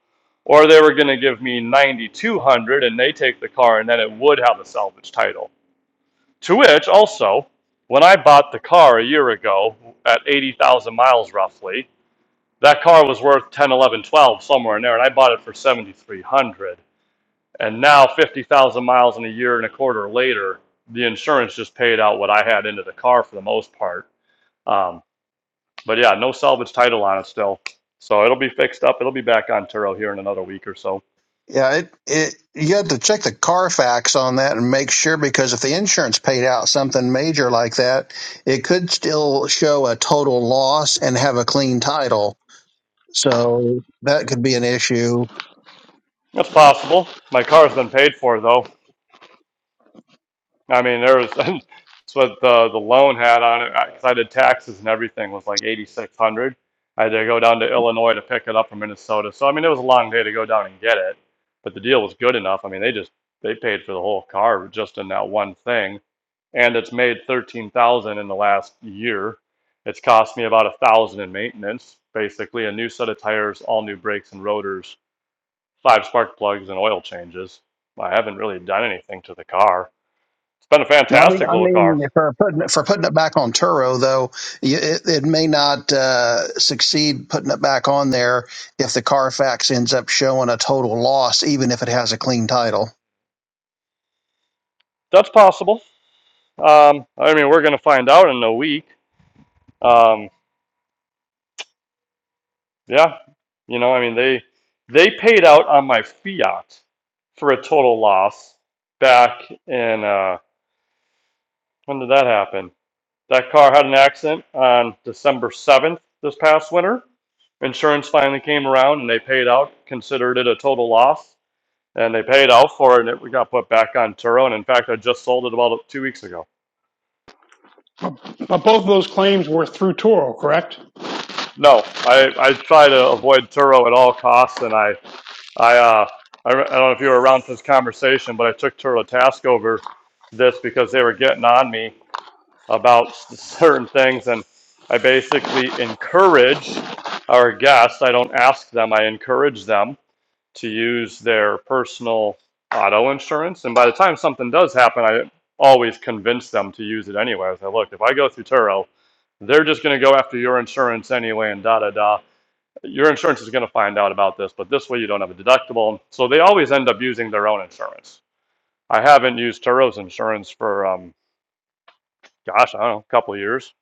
S2: or they were going to give me 9200 dollars and they take the car and then it would have a salvage title to which also when i bought the car a year ago at 80000 miles roughly that car was worth 10 11 12 somewhere in there and i bought it for 7300 dollars and now, 50,000 miles in a year and a quarter later, the insurance just paid out what I had into the car for the most part. Um, but yeah, no salvage title on it still. So it'll be fixed up. It'll be back on Turo here in another week or so.
S3: Yeah, it it you have to check the Carfax on that and make sure because if the insurance paid out something major like that, it could still show a total loss and have a clean title. So that could be an issue
S2: That's possible. My car's been paid for though. I mean, there was that's what the the loan had on it. Because I did taxes and everything was like eighty six hundred. I had to go down to Illinois to pick it up from Minnesota. So I mean, it was a long day to go down and get it, but the deal was good enough. I mean, they just they paid for the whole car just in that one thing, and it's made thirteen thousand in the last year. It's cost me about a thousand in maintenance, basically a new set of tires, all new brakes and rotors, five spark plugs, and oil changes. I haven't really done anything to the car it's been a
S3: No, I mean,
S2: fantastic
S3: I
S2: little car.
S3: mean, for putting it, for putting it back on Turo, though, y- it, it may not uh, succeed putting it back on there if the Carfax ends up showing a total loss, even if it has a clean title.
S2: That's possible. Um, I mean, we're going to find out in a week. Um, yeah, you know, I mean, they they paid out on my Fiat for a total loss back in uh, when did that happen? That car had an accident on December seventh this past winter. Insurance finally came around and they paid out, considered it a total loss, and they paid out for it, and it we got put back on Turo. And in fact, I just sold it about two weeks ago.
S5: But both of those claims were through Toro, correct?
S2: No, I, I try to avoid Turo at all costs, and I I uh I, I don't know if you were around for this conversation, but I took Turo to task over this because they were getting on me about s- certain things, and I basically encourage our guests. I don't ask them; I encourage them to use their personal auto insurance. And by the time something does happen, I always convince them to use it anyway. I say, look, if I go through Turo, they're just going to go after your insurance anyway, and da da da your insurance is going to find out about this, but this way you don't have a deductible. So they always end up using their own insurance. I haven't used Turo's insurance for, um, gosh, I don't know, a couple of years.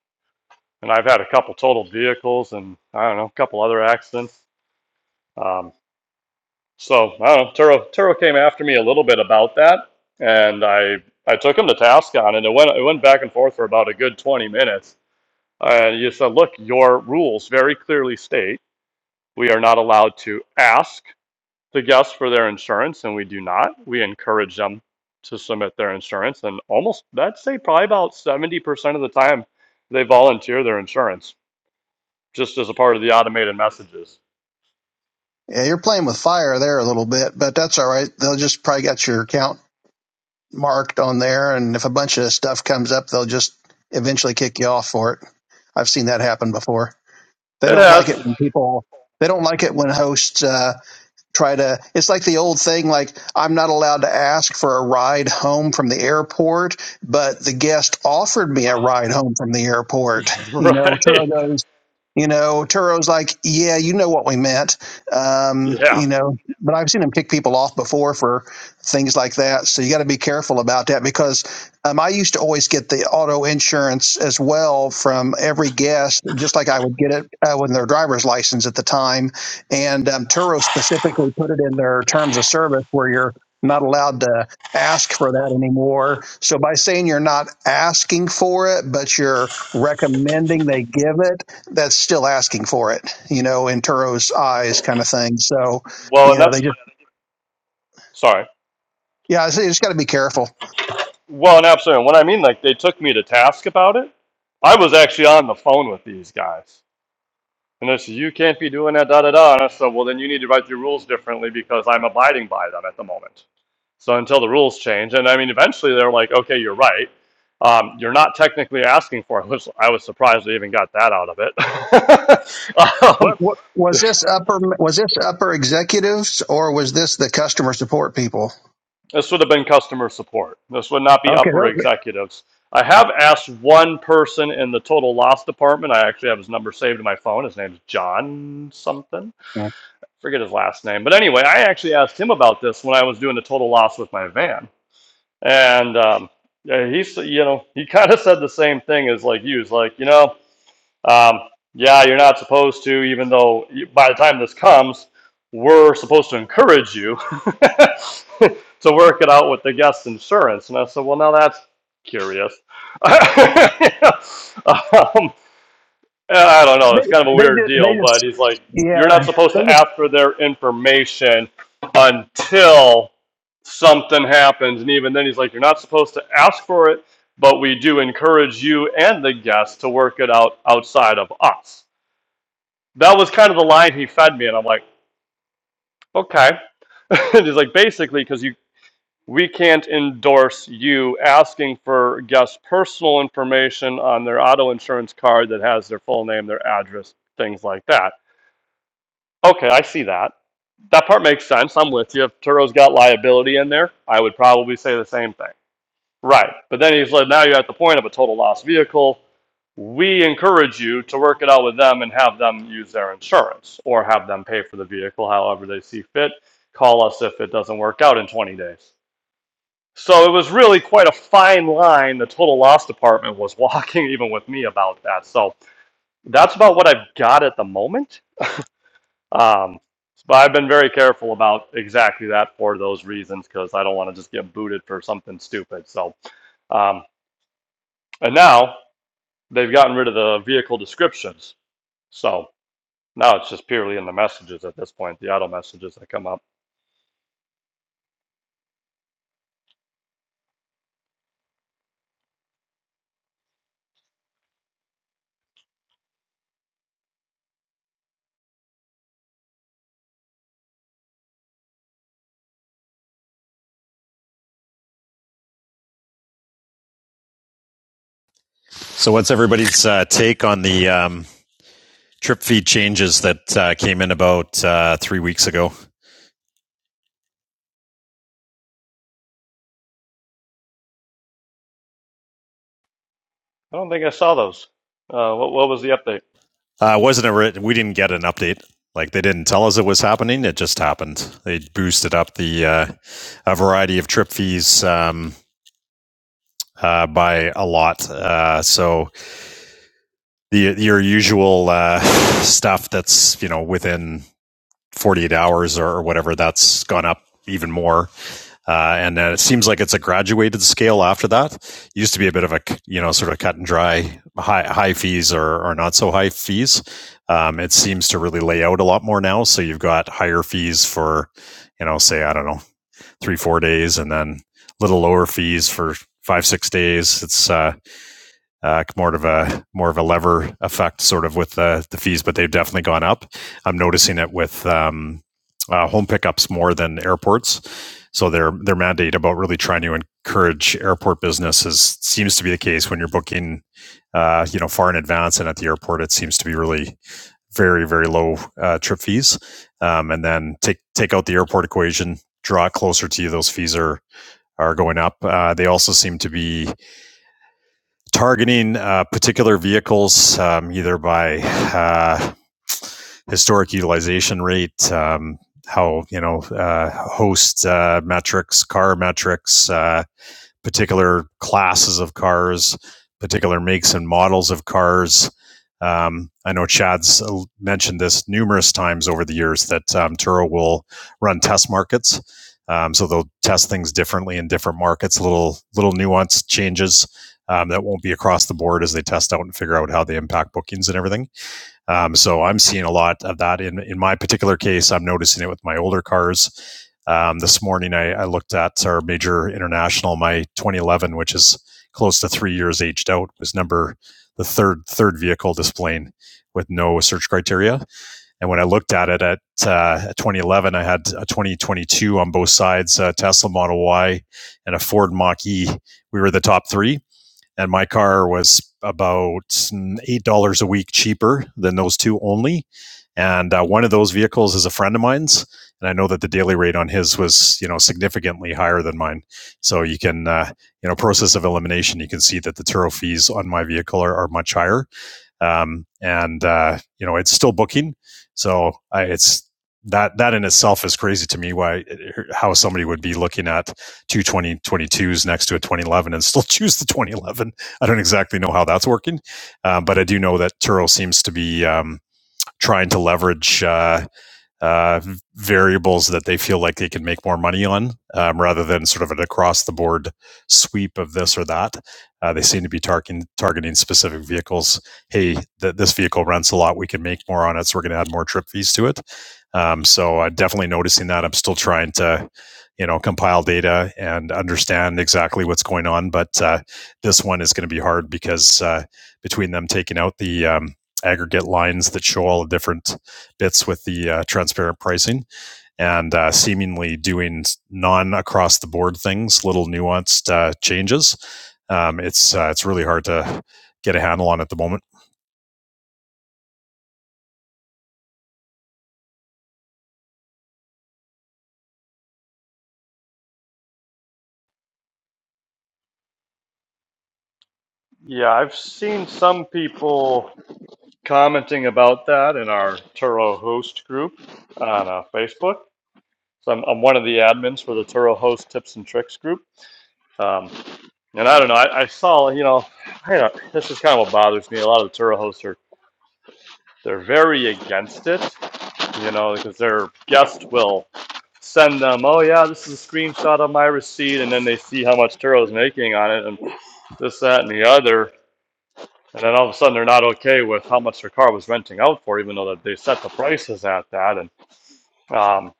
S2: And I've had a couple totaled vehicles and I don't know, a couple other accidents. Um, so I don't know, Turo, Turo came after me a little bit about that. And I, I took him to task on it. It went, it went back and forth for about a good 20 minutes. And you said, look, your rules very clearly state we are not allowed to ask the guests for their insurance, and we do not. We encourage them to submit their insurance, and almost, I'd say probably about 70% of the time, they volunteer their insurance just as a part of the automated messages.
S3: Yeah, you're playing with fire there a little bit, but that's all right. They'll just probably get your account marked on there, and if a bunch of stuff comes up, they'll just eventually kick you off for it. I've seen that happen before. They
S2: It
S3: don't like
S2: has,
S3: it when people. They don't like it when hosts. Uh, try to it's like the old thing like i'm not allowed to ask for a ride home from the airport but the guest offered me a ride home from the airport you know turo
S2: right?
S3: goes you know turo's like yeah you know what we meant um,
S2: Yeah.
S3: you know but i've seen him kick people off before for things like that so you got to be careful about that because um, i used to always get the auto insurance as well from every guest just like i would get it uh, with their driver's license at the time and um, Turo specifically put it in their terms of service where you're not allowed to ask for that anymore. So by saying you're not asking for it, but you're recommending they give it, that's still asking for it, you know, in Turo's eyes kind of thing. So,
S2: Well,
S3: you
S2: and
S3: know,
S2: that's,
S3: they just,
S2: sorry.
S3: yeah, I you just got to be careful.
S2: Well, and absolutely. And what I mean, like, they took me to task about it. I was actually on the phone with these guys And they said, you can't be doing that, da da da. And I said, well, then you need to write your rules differently because I'm abiding by them at the moment. So until the rules change, and I mean, eventually they're like, okay, you're right. Um, you're not technically asking for it, which I was surprised they even got that out of it.
S3: What,
S2: um,
S3: what was this upper was this upper executives or was this the customer support people?
S2: this would have been customer support. This would not be
S3: Okay,
S2: upper
S3: those-
S2: executives. I have asked one person in the total loss department. I actually have his number saved in my phone. His name's John something. forget his last name. But anyway, I actually asked him about this when I was doing the total loss with my van, and um, yeah, he s- you know he kind of said the same thing as like you. He's like, you know, um, yeah, you're not supposed to, even though by the time this comes, we're supposed to encourage you to work it out with the guest insurance. And I said, well, now that's curious. um, uh, I don't
S3: they
S2: know. It's kind of a
S3: they
S2: weird
S3: just they
S2: deal, but
S3: just
S2: he's like, you're not
S3: yeah
S2: supposed
S3: they
S2: to
S3: just
S2: ask for their information until something happens. And even then, he's like, you're not supposed to ask for it, but we do encourage you and the guests to work it out outside of us. That was kind of the line he fed me. And I'm like, okay. and he's like, basically, because you. We can't endorse you asking for guests' personal information on their auto insurance card that has their full name, their address, things like that Okay, I see that. That part makes sense. I'm with you. If Turo's got liability in there, I would probably say the same thing. Right. But then he's like, now you're at the point of a total loss vehicle. We encourage you to work it out with them and have them use their insurance or have them pay for the vehicle however they see fit. Call us if it doesn't work out in 20 days. So it was really quite a fine line the total loss department was walking, even with me about that. So that's about what I've got at the moment. Um, but I've been very careful about exactly that for those reasons because I don't want to just get booted for something stupid. So, um, and now they've gotten rid of the vehicle descriptions. So now it's just purely in the messages at this point, the auto messages that come up.
S6: So, what's everybody's uh, take on the um, trip feed changes that uh, came in about uh, three weeks ago?
S2: I don't think I saw those. Uh, what, what was the update?
S6: Uh, wasn't a we didn't get an update. Like they didn't tell us it was happening. It just happened. They boosted up the uh, a variety of trip fees um, uh, by a lot. Uh, so the your usual uh, stuff that's you know within 48 hours or whatever, that's gone up even more. Uh, and uh, it seems like it's a graduated scale after that. It used to be a bit of a you know sort of cut and dry high high fees or, or not so high fees. Um, it seems to really lay out a lot more now. So you've got higher fees for you know say I don't know three four days, and then little lower fees for five six days. It's uh, uh, more of a more of a lever effect sort of with the, the fees, but they've definitely gone up. I'm noticing it with um, uh, home pickups more than airports. So their their mandate about really trying to encourage airport business is seems to be the case when you're booking, uh, you know, far in advance and at the airport, it seems to be really very very low uh, trip fees. Um, and then take take out the airport equation, draw it closer to you. Those fees are are going up. Uh, they also seem to be targeting uh, particular vehicles um, either by uh, historic utilization rate, um, how you know uh, host uh, metrics, car metrics, uh, particular classes of cars, particular makes and models of cars. Um, I know Chad's uh, mentioned this numerous times over the years that um, Turo will run test markets. Um, so they'll test things differently in different markets, little little nuanced changes um, that won't be across the board as they test out and figure out how they impact bookings and everything. Um, so I'm seeing a lot of that in in my particular case. I'm noticing it with my older cars. Um, this morning, I, I looked at our major international, my 2011, which is close to three years aged out, was number the third third vehicle displaying with no search criteria. And when I looked at it at uh, 2011, I had a 2022 on both sides, a Tesla Model Y and a Ford Mach E. We were the top three and my car was about eight dollars a week cheaper than those two only. And uh, one of those vehicles is a friend of mine's, and I know that the daily rate on his was you know significantly higher than mine. So you can uh, you know process of elimination, you can see that the Turo fees on my vehicle are, are much higher um, and uh, you know it's still booking. So I, it's that that in itself is crazy to me. Why uh, how somebody would be looking at two twenty twenty twos next to a 2011 and still choose the 2011? I don't exactly know how that's working, Um, uh, but I do know that Turo seems to be um, trying to leverage. Uh, uh, variables that they feel like they can make more money on um, rather than sort of an across the board sweep of this or that. Uh, they seem to be targeting, targeting specific vehicles. Hey, th- this vehicle rents a lot. We can make more on it. So we're going to add more trip fees to it. Um, so I'm definitely noticing that. I'm still trying to, you know, compile data and understand exactly what's going on. But uh, this one is going to be hard because uh, between them taking out the um, aggregate lines that show all the different bits with the uh, transparent pricing and uh, seemingly doing non across the board things, little nuanced uh, changes. Um, it's uh, it's really hard to get a handle on at the moment.
S2: Yeah, I've seen some people commenting about that in our Turo host group on uh, Facebook. So I'm, I'm one of the admins for the Turo host tips and tricks group. Um, And I don't know. I, I saw, you know, I don't, this is kind of what bothers me. A lot of the tour hosts are they're very against it, you know, because their guest will send them, oh yeah, this is a screenshot of my receipt, and then they see how much Turo's making on it, and this, that, and the other, and then all of a sudden they're not okay with how much their car was renting out for, even though that they set the prices at that, and um,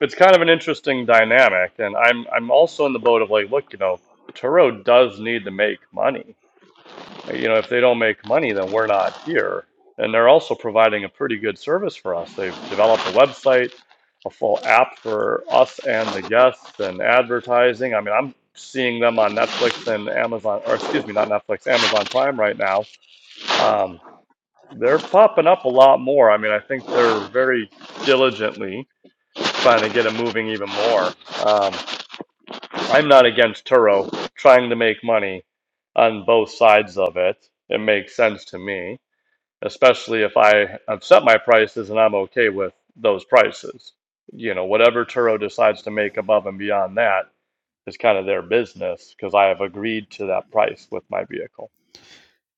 S2: it's kind of an interesting dynamic. And I'm I'm also in the boat of like, look, you know, Turo does need to make money you know, if they don't make money, then we're not here. And they're also providing a pretty good service for us. They've developed a website, a full app for us and the guests, and advertising. I mean, I'm seeing them on Netflix and Amazon, or excuse me, not Netflix, Amazon Prime right now. Um, they're popping up a lot more. I mean, I think they're very diligently trying to get it moving even more. Um, I'm not against Turo trying to make money on both sides of it. It makes sense to me especially if I have set my prices and I'm okay with those prices. You know, whatever Turo decides to make above and beyond that is kind of their business because I have agreed to that price with my vehicle.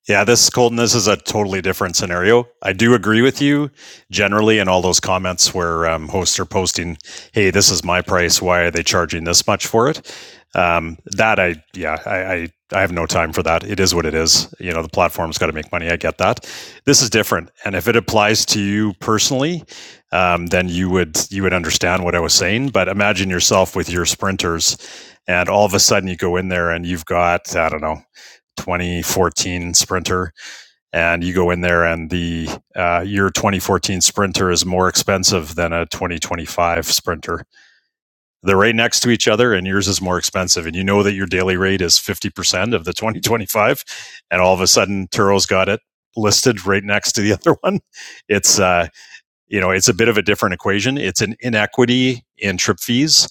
S6: Yeah, this Colton, this is a totally different scenario. I do agree with you generally in all those comments where um, hosts are posting, "Hey, this is my price. Why are they charging this much for it?" Um, that I, yeah, I, I, I have no time for that. It is what it is. You know, the platform's got to make money. I get that. This is different, and if it applies to you personally, um, then you would you would understand what I was saying. But imagine yourself with your sprinters, and all of a sudden you go in there and you've got I don't know 2014 Sprinter, and you go in there, and the uh, your 2014 Sprinter is more expensive than a 2025 Sprinter. They're right next to each other, and yours is more expensive, and you know that your daily rate is 50% of the 2025, and all of a sudden Turo's got it listed right next to the other one. It's uh, you know, it's a bit of a different equation. It's an inequity in trip fees,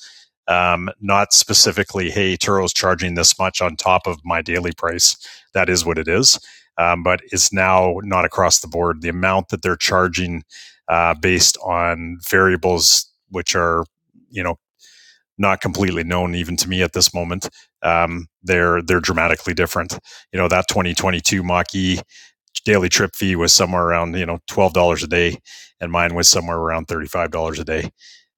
S6: um, not specifically, hey, Turo's charging this much on top of my daily price. That is what it is. Um, but it's now not across the board. The amount that they're charging uh, based on variables, which are, you know, not completely known even to me at this moment. Um, they're they're dramatically different. You know that 2022 Mach-E daily trip fee was somewhere around you know twelve dollars a day, and mine was somewhere around thirty five dollars a day.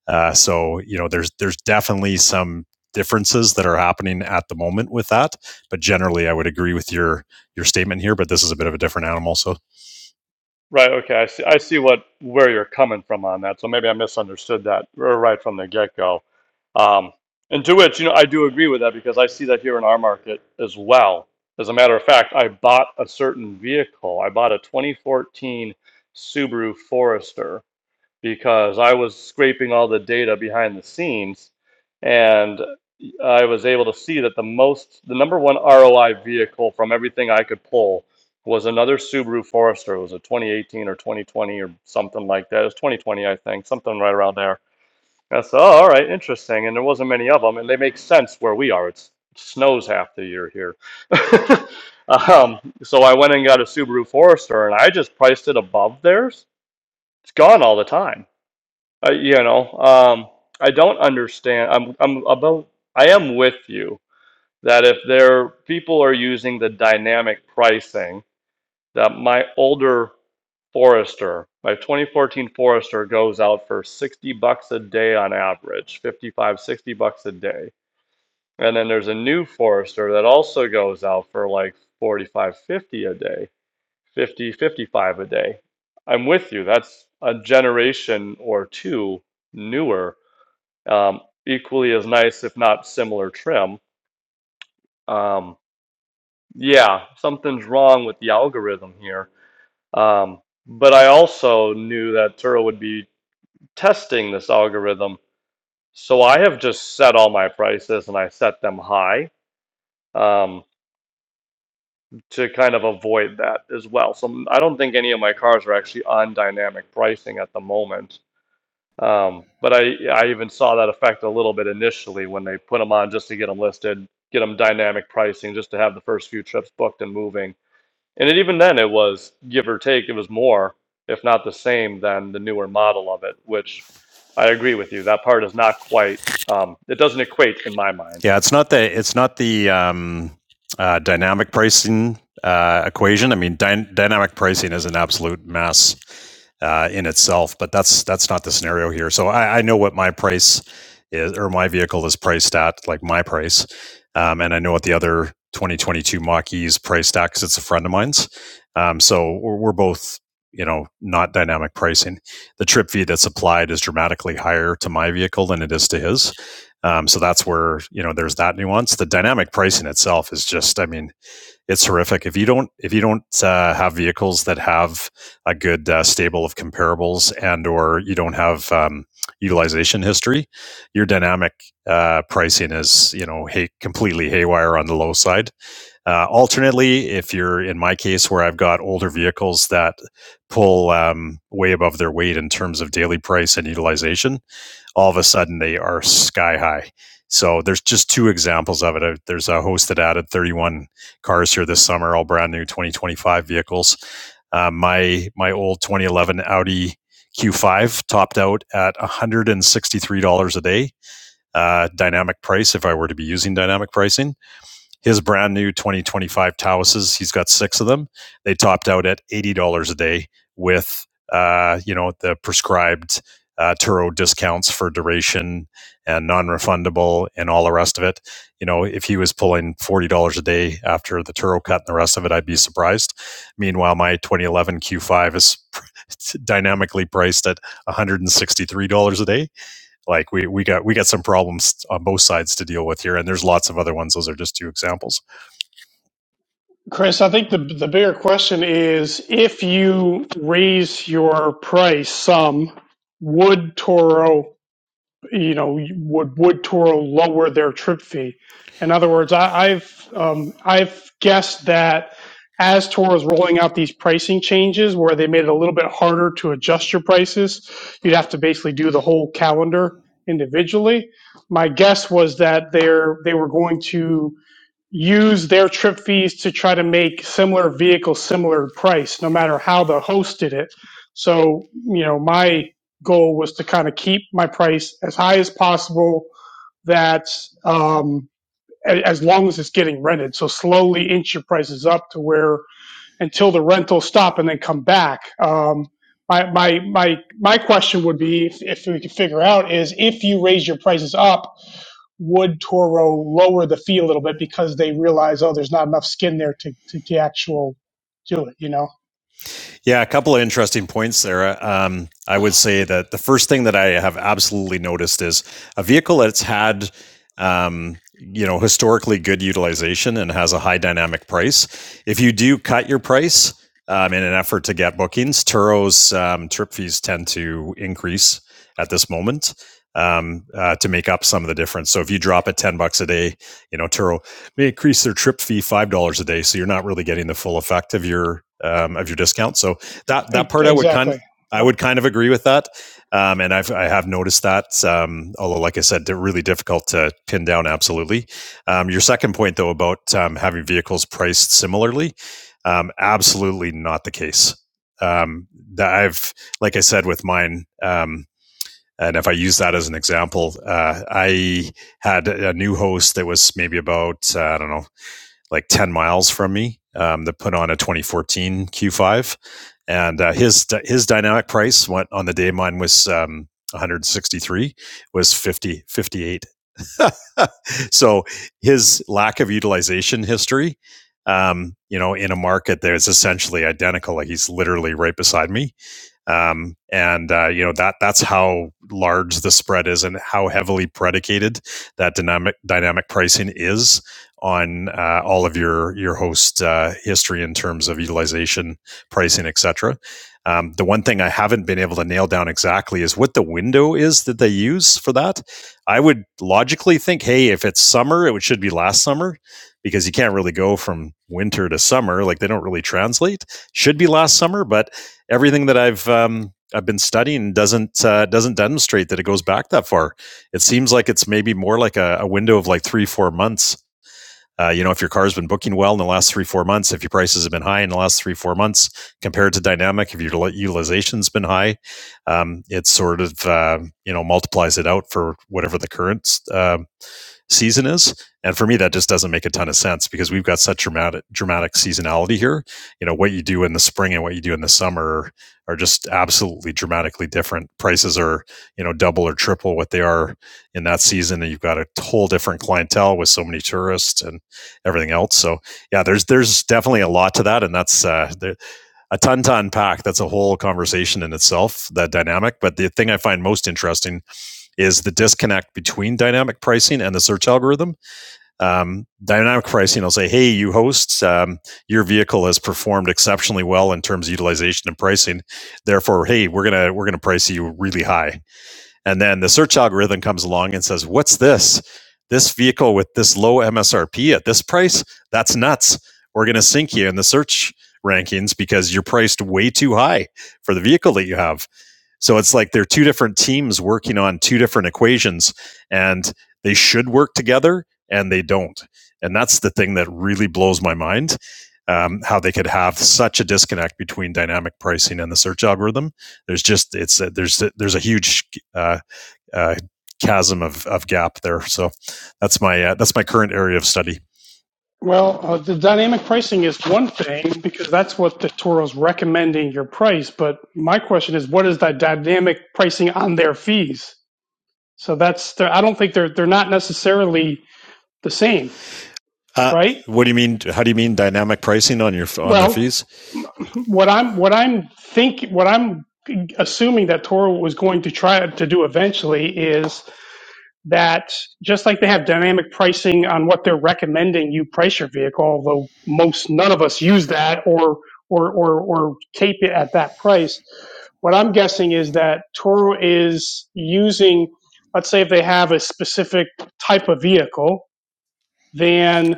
S6: Uh, so you know, there's there's definitely some differences that are happening at the moment with that. But generally, I would agree with your your statement here. But this is a bit of a different animal. So
S2: Right, okay, I see I see what where you're coming from on that. So maybe I misunderstood that right from the get-go. Um, and to which, you know, I do agree with that because I see that here in our market as well. As a matter of fact, I bought a certain vehicle. I bought a 2014 Subaru Forester because I was scraping all the data behind the scenes and I was able to see that the most, the number one ROI vehicle from everything I could pull was another Subaru Forester. It was a 2018 or 2020 or something like that. It was 2020, I think, something right around there. And I said, oh, all right, interesting. And there wasn't many of them, and they make sense where we are. It's, it snows half the year here. um, so I went and got a Subaru Forester, and I just priced it above theirs. It's gone all the time uh, you know, um, I don't understand. I'm, I'm about, I am with you that if there people are using the dynamic pricing, that my older Forester, my 2014 Forester goes out for 60 bucks a day on average, 55, 60 bucks a day. And then there's a new Forester that also goes out for like 45, 50 a day, 50, 55 a day. I'm with you. That's a generation or two newer um, equally as nice, if not similar trim. Um, yeah, something's wrong with the algorithm here. Um, but I also knew that Turo would be testing this algorithm. So I have just set all my prices and I set them high um, to kind of avoid that as well. So I don't think any of my cars are actually on dynamic pricing at the moment. Um, but I I even saw that effect a little bit initially when they put them on just to get them listed, get them dynamic pricing just to have the first few trips booked and moving. And it, even then, it was give or take, it was more, if not the same, than the newer model of it. Which I agree with you. That part is not quite. Um, it doesn't equate in my mind.
S6: Yeah, it's not the it's not the um, uh, dynamic pricing uh, equation. I mean, dy- dynamic pricing is an absolute mess uh, in itself, but that's that's not the scenario here. So I, I know what my price is or my vehicle is priced at, like my price, um, and I know what the other 2022 Mach-E's priced at because it's a friend of mine's. Um, so we're, we're both you know not dynamic pricing. The trip fee that's applied is dramatically higher to my vehicle than it is to his um, so that's where you know there's that nuance. The dynamic pricing itself is just, I mean, it's horrific. If you don't if you don't uh, have vehicles that have a good uh, stable of comparables and or you don't have um, utilization history, your dynamic uh, pricing is you know hay- completely haywire on the low side. Uh, alternately, if you're in my case where I've got older vehicles that pull um, way above their weight in terms of daily price and utilization all of a sudden they are sky high. So there's just two examples of it. Uh, There's a host that added 31 cars here this summer, all brand new 2025 vehicles. Uh, my my old 2011 Audi Q5 topped out at $163 a day, uh, dynamic price if I were to be using dynamic pricing his brand new 2025 Tauses. He's got six of them. They topped out at $80 a day with, uh, you know, the prescribed uh, Turo discounts for duration and non-refundable and all the rest of it. You know, if he was pulling $40 a day after the Turo cut and the rest of it, I'd be surprised. Meanwhile, my 2011 Q5 is dynamically priced at $163 a day like we we got we got some problems on both sides to deal with here, and there's lots of other ones. Those are just two examples.
S5: Chris, I think the the bigger question is if you raise your price some, would Toro, you know, would would Toro lower their trip fee? In other words, I, I've um, I've guessed that as Toro is rolling out these pricing changes, where they made it a little bit harder to adjust your prices, you'd have to basically do the whole calendar individually. My guess was that they're they were going to use their trip fees to try to make similar vehicles similar price, no matter how the host did it. So, you know, my goal was to kind of keep my price as high as possible. That um, as long as it's getting rented, so slowly inch your prices up to where until the rentals stop and then come back. Um, my my my my question would be if, if we could figure out is if you raise your prices up would Toro lower the fee a little bit because they realize, oh, there's not enough skin there to, to, to actual do it, you know?
S6: Yeah, a couple of interesting points there. Um, I would say that the first thing that I have absolutely noticed is a vehicle that's had, um, you know, historically good utilization and has a high dynamic price. If you do cut your price um, in an effort to get bookings, Turo's um, trip fees tend to increase at this moment um, uh, to make up some of the difference. So if you drop it ten bucks a day, you know Turo may increase their trip fee five dollars a day, so you're not really getting the full effect of your um, of your discount. So that that
S5: E-
S6: part I would kind of
S5: Exactly.
S6: I
S5: Yep.
S6: would kind of agree with that, um, and I've I have noticed that. Um, although, like I said, they're really difficult to pin down. Absolutely, um, your second point though about um, having vehicles priced similarly, um, absolutely not the case. Um, that I've like I said with mine. Um, and if I use that as an example, uh, I had a new host that was maybe about, uh, I don't know, like 10 miles from me um, that put on a 2014 Q5. And uh, his his dynamic price went on the day mine was um, 163 was 50 58. so his lack of utilization history, um, you know, in a market that is essentially identical, like he's literally right beside me, um, and uh, you know that that's how large the spread is and how heavily predicated that dynamic dynamic pricing is on uh, all of your your host uh, history in terms of utilization pricing etc um, the one thing i haven't been able to nail down exactly is what the window is that they use for that i would logically think hey if it's summer it should be last summer because you can't really go from winter to summer like they don't really translate should be last summer but everything that I've um, I've been studying doesn't uh, doesn't demonstrate that it goes back that far. It seems like it's maybe more like a, a window of like three four months. Uh, you know, if your car's been booking well in the last three four months, if your prices have been high in the last three four months compared to dynamic, if your utilization's been high, um, it sort of uh, you know multiplies it out for whatever the current um season is. And for me, that just doesn't make a ton of sense because we've got such dramatic dramatic seasonality here. You know, what you do in the spring and what you do in the summer are just absolutely dramatically different. Prices are, you know, double or triple what they are in that season, and you've got a whole different clientele with so many tourists and everything else. So yeah, there's there's definitely a lot to that, and that's uh, a ton to unpack. That's a whole conversation in itself, that dynamic. But the thing I find most interesting is the disconnect between dynamic pricing and the search algorithm. Um, dynamic pricing will say, hey, you hosts, um, your vehicle has performed exceptionally well in terms of utilization and pricing. Therefore, hey, we're gonna we're gonna price you really high. And then the search algorithm comes along and says, What's this? This vehicle with this low MSRP at this price? That's nuts. We're going to sink you in the search rankings because you're priced way too high for the vehicle that you have. So it's like they're two different teams working on two different equations and they should work together and they don't. And that's the thing that really blows my mind um, how they could have such a disconnect between dynamic pricing and the search algorithm. There's just, it's, a, there's, a, there's a huge uh, uh, chasm of, of gap there. So that's my uh, that's my current area of study.
S5: Well, uh, the dynamic pricing is one thing because that's what the Toro's recommending your price. But my question is, what is that dynamic pricing on their fees? So that's, the, I don't think they're, they're not necessarily the same,
S6: Uh,
S5: right?
S6: what do you mean? How do you mean dynamic pricing on your on their
S5: Well,
S6: fees?
S5: what I'm, what I'm think, what I'm assuming that Toro was going to try to do eventually is that just like they have dynamic pricing on what they're recommending you price your vehicle, although most none of us use that or or or, or tape it at that price. What I'm guessing is that Toro is using, let's say, if they have a specific type of vehicle, then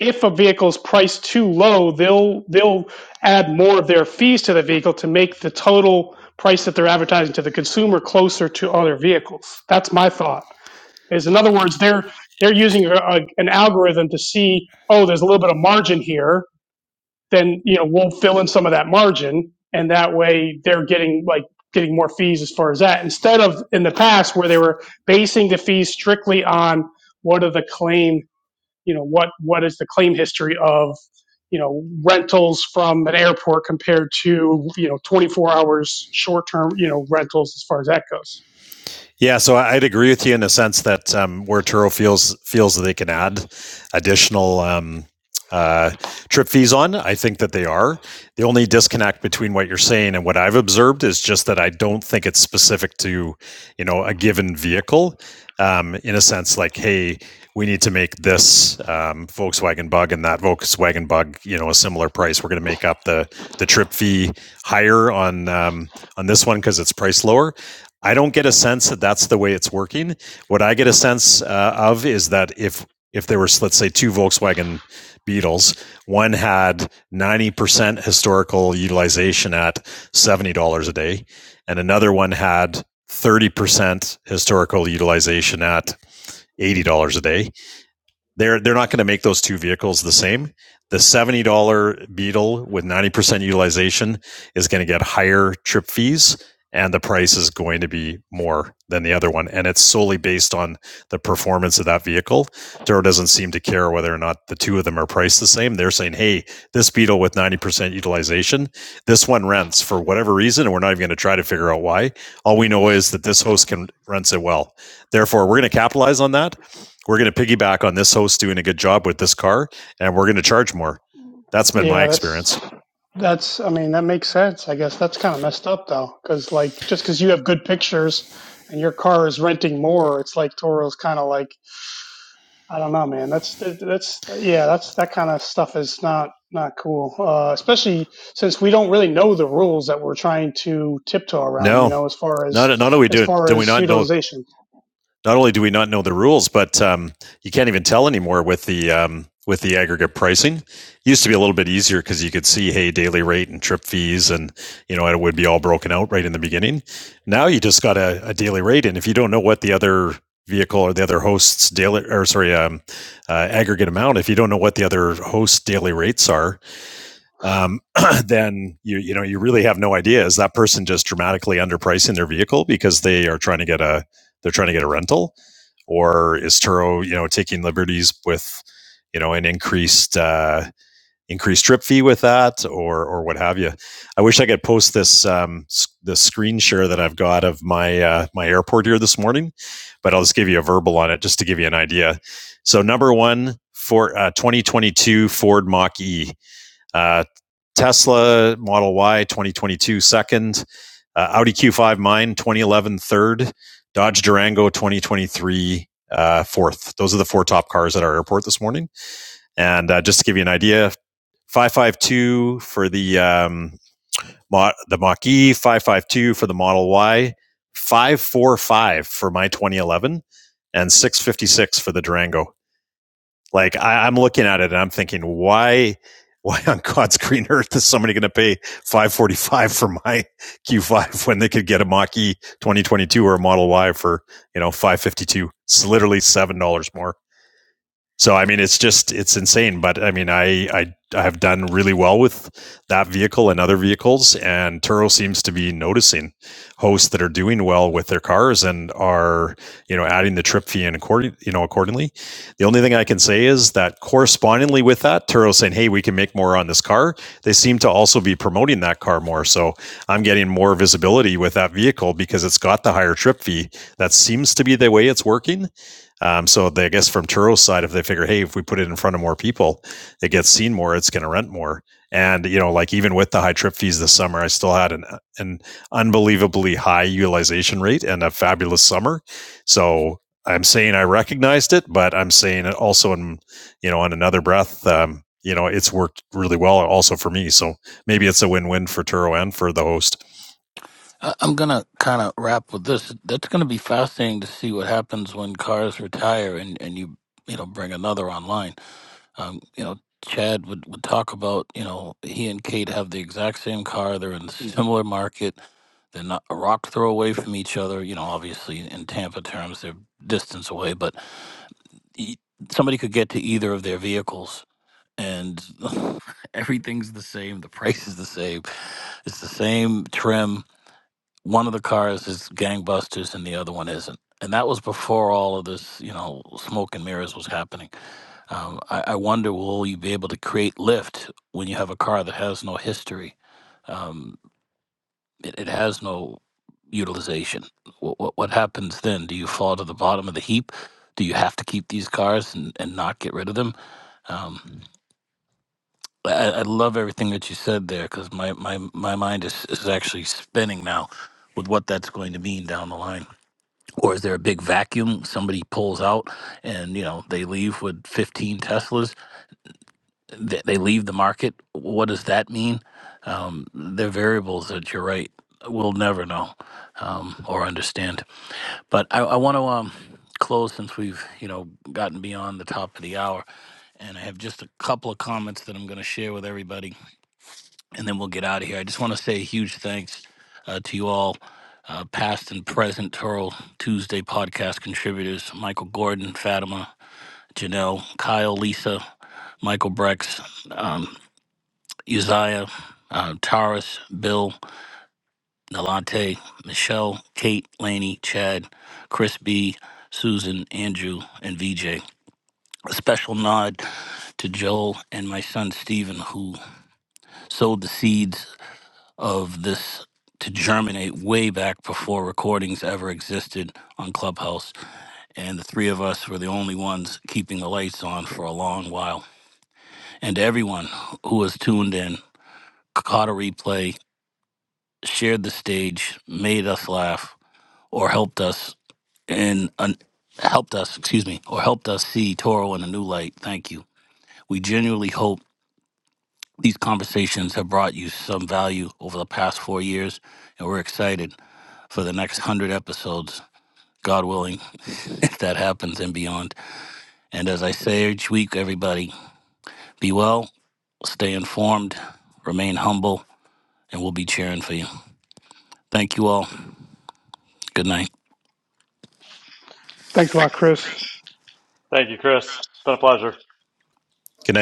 S5: if a vehicle's priced too low, they'll they'll add more of their fees to the vehicle to make the total price that they're advertising to the consumer closer to other vehicles. That's my thought. Is in other words, they're they're using a, a- an algorithm to see, oh, there's a little bit of margin here. Then you know we'll fill in some of that margin, and that way they're getting like getting more fees as far as that. Instead of in the past where they were basing the fees strictly on what are the claim, you know, what what is the claim history of you know rentals from an airport compared to you know 24 hours short term you know rentals as far as that goes
S6: Yeah, so I'd agree with you in the sense that um, where Turo feels feels that they can add additional um, uh, trip fees on, I think that they are. The only disconnect between what you're saying and what I've observed is just that I don't think it's specific to you know a given vehicle. Um, in a sense, like hey, we need to make this um, Volkswagen Bug and that Volkswagen Bug you know a similar price. We're going to make up the the trip fee higher on um, on this one because it's priced lower I don't get a sense that that's the way it's working. What I get a sense uh, of is that if if there was let's say two Volkswagen Beetles, one had 90% historical utilization at $70 a day and another one had 30% historical utilization at $80 a day they're they're not going to make those two vehicles the same. The seventy dollar Beetle with ninety percent utilization is going to get higher trip fees, and the price is going to be more than the other one. And it's solely based on the performance of that vehicle. Toro doesn't seem to care whether or not the two of them are priced the same. They're saying, "Hey, this Beetle with ninety percent utilization, this one rents for whatever reason, and we're not even going to try to figure out why. All we know is that this host can rents it well. Therefore, we're going to capitalize on that." we're going to piggyback on this host doing a good job with this car and we're going to charge more. That's been my
S5: yeah that's
S6: experience.
S5: That's, I mean, that makes sense. I guess that's kind of messed up though, because like just because you have good pictures and your car is renting more, it's like Toro's kind of like, I don't know, man. That's that's yeah, that's that kind of stuff is not not cool, uh, especially since we don't really know the rules that we're trying to tiptoe around. You
S6: No,
S5: know, as far as
S6: not not only
S5: as
S6: do
S5: far
S6: do we
S5: as
S6: not know
S5: utilization.
S6: not only do we not know the rules, but um, you can't even tell anymore with the um, with the aggregate pricing. It used to be a little bit easier because you could see hey daily rate and trip fees and you know it would be all broken out right in the beginning. Now you just got a, a daily rate, and if you don't know what the other vehicle or the other host's daily or sorry um, uh, aggregate amount, if you don't know what the other host daily rates are, um, then you you know you really have no idea is that person just dramatically underpricing their vehicle because they are trying to get a they're trying to get a rental, or is Turo you know taking liberties with you know an increased uh, increased trip fee with that or or what have you? I wish I could post this um, s- the screen share that I've got of my uh, my airport here this morning, but I'll just give you a verbal on it just to give you an idea. So number one for uh, 2022 Ford Mach E. Tesla Model Y 2022 second, uh, Audi Q5 mine 2011 third, Dodge Durango 2023 uh, fourth. Those are the four top cars at our airport this morning. And uh, just to give you an idea, 552 for the um, Mo- the Mach E, 552 for the Model Y, 545 for my 2011, and 656 for the Durango. Like I, I'm looking at it and I'm thinking, why, why on God's green earth is somebody going to pay 545 for my Q5 when they could get a Mach E 2022 or a Model Y for, you know, 552? It's literally $7 more. So I mean, it's just it's insane. But I mean, I I, I have done really well with that vehicle and other vehicles, and Turo seems to be noticing hosts that are doing well with their cars and are you know adding the trip fee in according you know accordingly. The only thing I can say is that correspondingly with that, Turo saying, "Hey, we can make more on this car." They seem to also be promoting that car more, so I'm getting more visibility with that vehicle because it's got the higher trip fee. That seems to be the way it's working um, so they, I guess from Turo's side, if they figure, hey, if we put it in front of more people, it gets seen more, it's going to rent more. And you know, like even with the high trip fees this summer, I still had an an unbelievably high utilization rate and a fabulous summer. So I'm saying I recognized it, but I'm saying it also in you know on another breath, um, you know, it's worked really well also for me. So maybe it's a win win for Turo and for the host.
S1: I, I'm gonna kind of wrap with this. That's gonna be fascinating to see what happens when cars retire and and you you know bring another online. Um, you know, Chad would, would talk about, you know, he and Kate have the exact same car. They're in a similar market. They're not a rock throw away from each other. You know, obviously in Tampa terms, they're distance away, but e- somebody could get to either of their vehicles and everything's the same. The price is the same. It's the same trim. One of the cars is gangbusters and the other one isn't. And that was before all of this, you know, smoke and mirrors was happening. Um, I, I wonder will you be able to create lift when you have a car that has no history? Um, it, it has no utilization. What, what, what happens then? Do you fall to the bottom of the heap? Do you have to keep these cars and, and not get rid of them? Um, I, I I love everything that you said there because my, my, my mind is, is actually spinning now with what that's going to mean down the line or is there a big vacuum somebody pulls out and you know they leave with 15 teslas they, they leave the market what does that mean um, they're variables that you're right we'll never know um, or understand but i, I want to um, close since we've you know gotten beyond the top of the hour and i have just a couple of comments that i'm going to share with everybody and then we'll get out of here. I just want to say a huge thanks uh, to you all, uh, past and present Toro Tuesday podcast contributors Michael Gordon, Fatima, Janelle, Kyle, Lisa, Michael Brex, um, Uzziah, uh, Taurus, Bill, Nalante, Michelle, Kate, Laney, Chad, Chris B., Susan, Andrew, and VJ. A special nod to Joel and my son Steven, who sowed the seeds of this to germinate way back before recordings ever existed on Clubhouse. And the three of us were the only ones keeping the lights on for a long while. And everyone who was tuned in caught a replay, shared the stage, made us laugh, or helped us in an helped us, excuse me, or helped us see Toro in a new light. Thank you. We genuinely hope these conversations have brought you some value over the past four years, and we're excited for the next 100 episodes God willing, if that happens and beyond. And as I say each week, everybody, be well, stay informed, remain humble, and we'll be cheering for you. Thank you all. Good night.
S5: Thanks a lot,
S1: Thanks,
S5: Chris.
S1: Chris.
S2: Thank you, Chris. It's been a pleasure.
S6: Connect.